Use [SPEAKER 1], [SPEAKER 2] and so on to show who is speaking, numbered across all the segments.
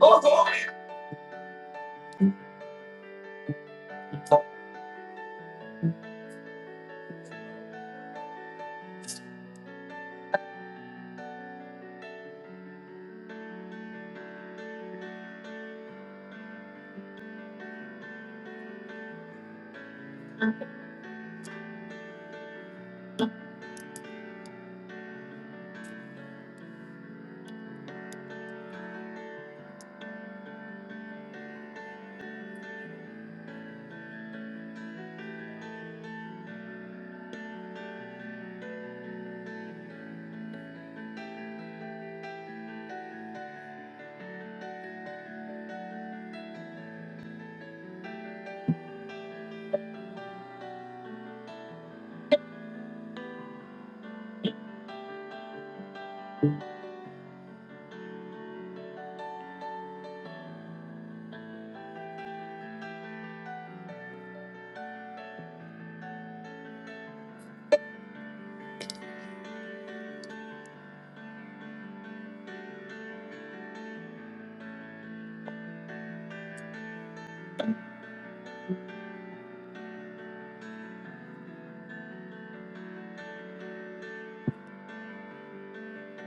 [SPEAKER 1] Oh, glory.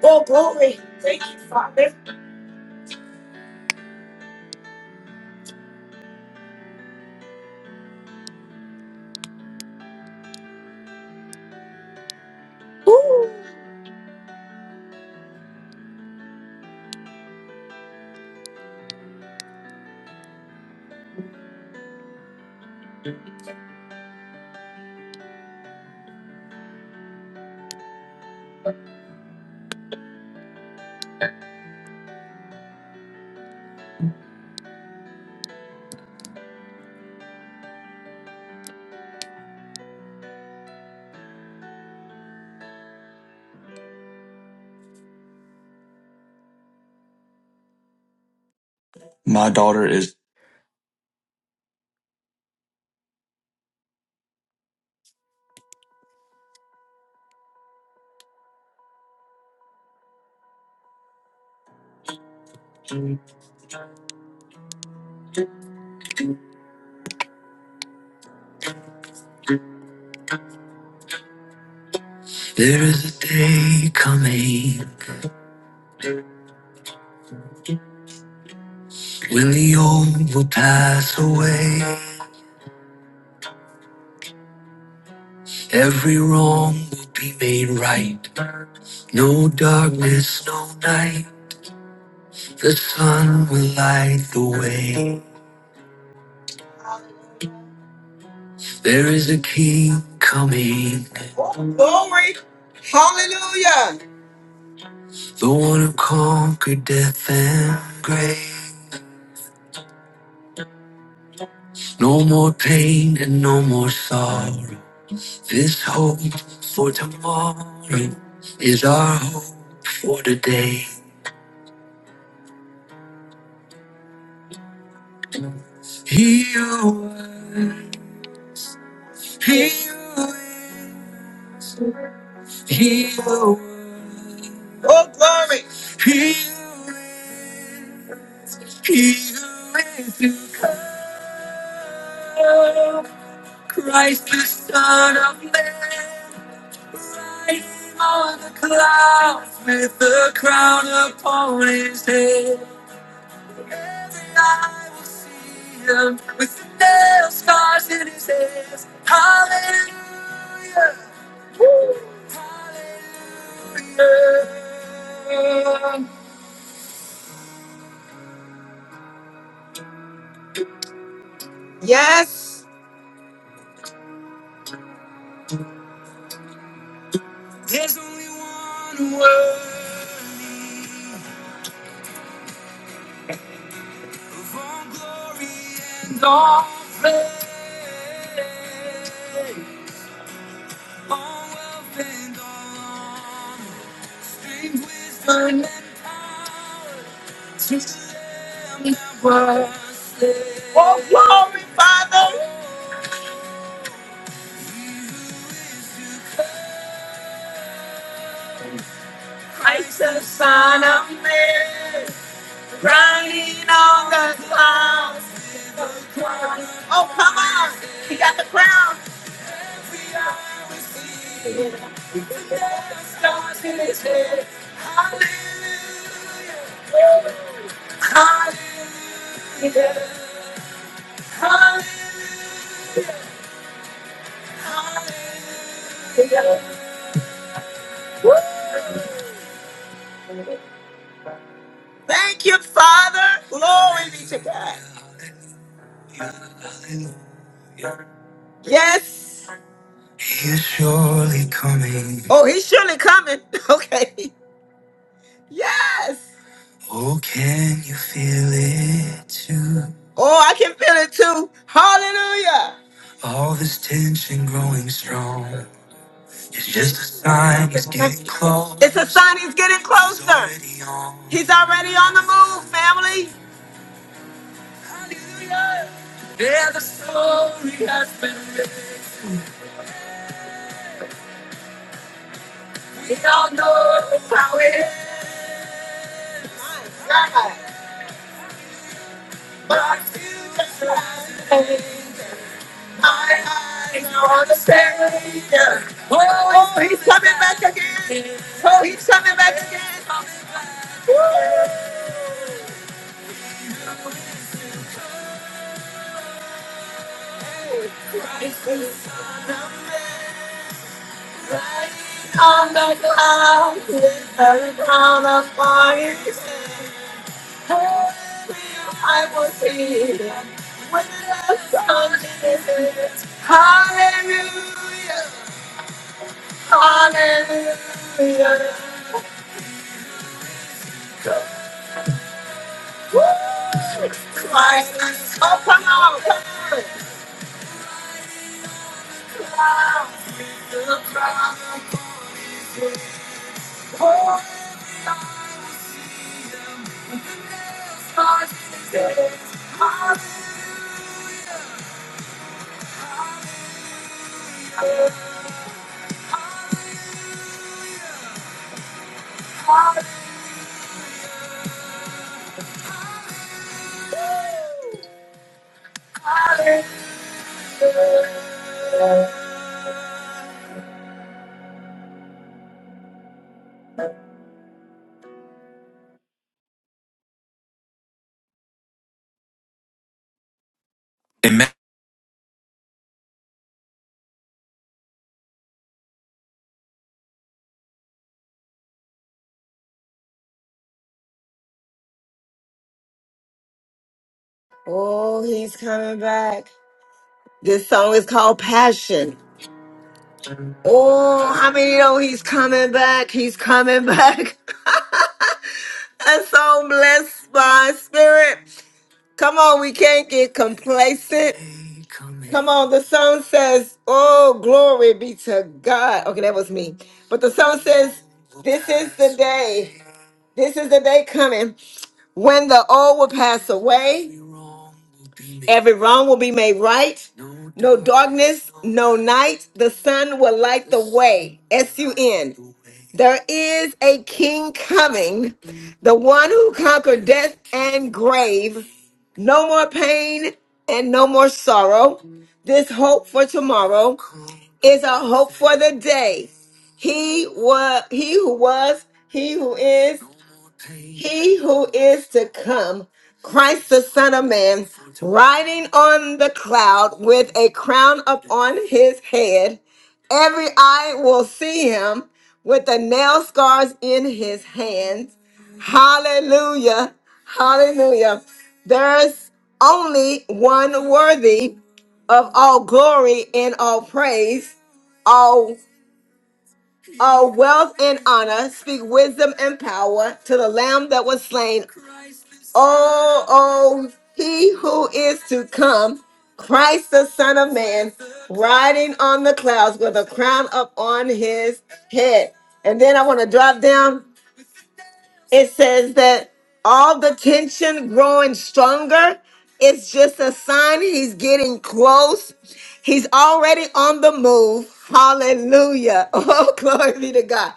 [SPEAKER 1] Oh, glory. Thank you, Father. Ooh, My daughter is. There is a day coming when the old will pass away. Every wrong will be made right. No darkness, no night. The sun will light the way. There is a king coming. Oh, glory. Hallelujah. The one who conquered death and grave. No more pain and no more sorrow. This hope for tomorrow is our hope for today. He who was, he who is, he who is. Oh, glory! He who is, he who is to come. Christ the Son of Man, riding on the clouds with the crown upon his head. Every eye will see him with the nail scars in his hands. Hallelujah, hallelujah. Yes. There's only one word. all glory and all praise, all wealth and all strange wisdom, and power to them that were slain. Oh, glory, Father, I shall son of man, riding on the clouds. Oh, come on, He got the crown. Hallelujah, hallelujah, hallelujah. Thank you, Father. Glory be to God. Yes. He is surely coming. Oh, he's surely coming. Okay. Yes. Oh, can you feel it too? Oh, I can feel it too. Hallelujah. All this tension growing strong. It's just a sign he's getting close. It's a sign he's getting closer. He's already on the move, family. Hallelujah. Yeah, the story has been written. How it is God. But I now understand. Oh, oh, he's coming back again. Oh, he's coming back again. Woo. On the cloud, with the crown of fire. I was here when the sun is Hallelujah, hallelujah. Woo! Christ is oh, come on, The crown Oh, he's coming back. This song is called Passion. Oh, how many know he's coming back? He's coming back. I'm so blessed by his spirit. Come on, we can't get complacent. Come on, the song says, Oh, glory be to God. Okay, that was me. But the song says, This is the day. This is the day coming when the old will pass away, every wrong will be made right. No darkness, no night. The sun will light the way. S U N. There is a king coming, the one who conquered death and grave. No more pain and no more sorrow. This hope for tomorrow is a hope for the day. He was, he who was, he who is, he who is to come, Christ the Son of Man, riding on the cloud with a crown upon his head. Every eye will see him with the nail scars in his hands. Hallelujah. Hallelujah. There's only one worthy of all glory and all praise. All, all wealth and honor, speak wisdom and power to the Lamb that was slain Oh, oh, he who is to come, Christ the Son of Man, riding on the clouds with a crown up on his head. And then I want to drop down. It says that all the tension growing stronger. It's just a sign he's getting close. He's already on the move. Hallelujah. Oh, glory be to God.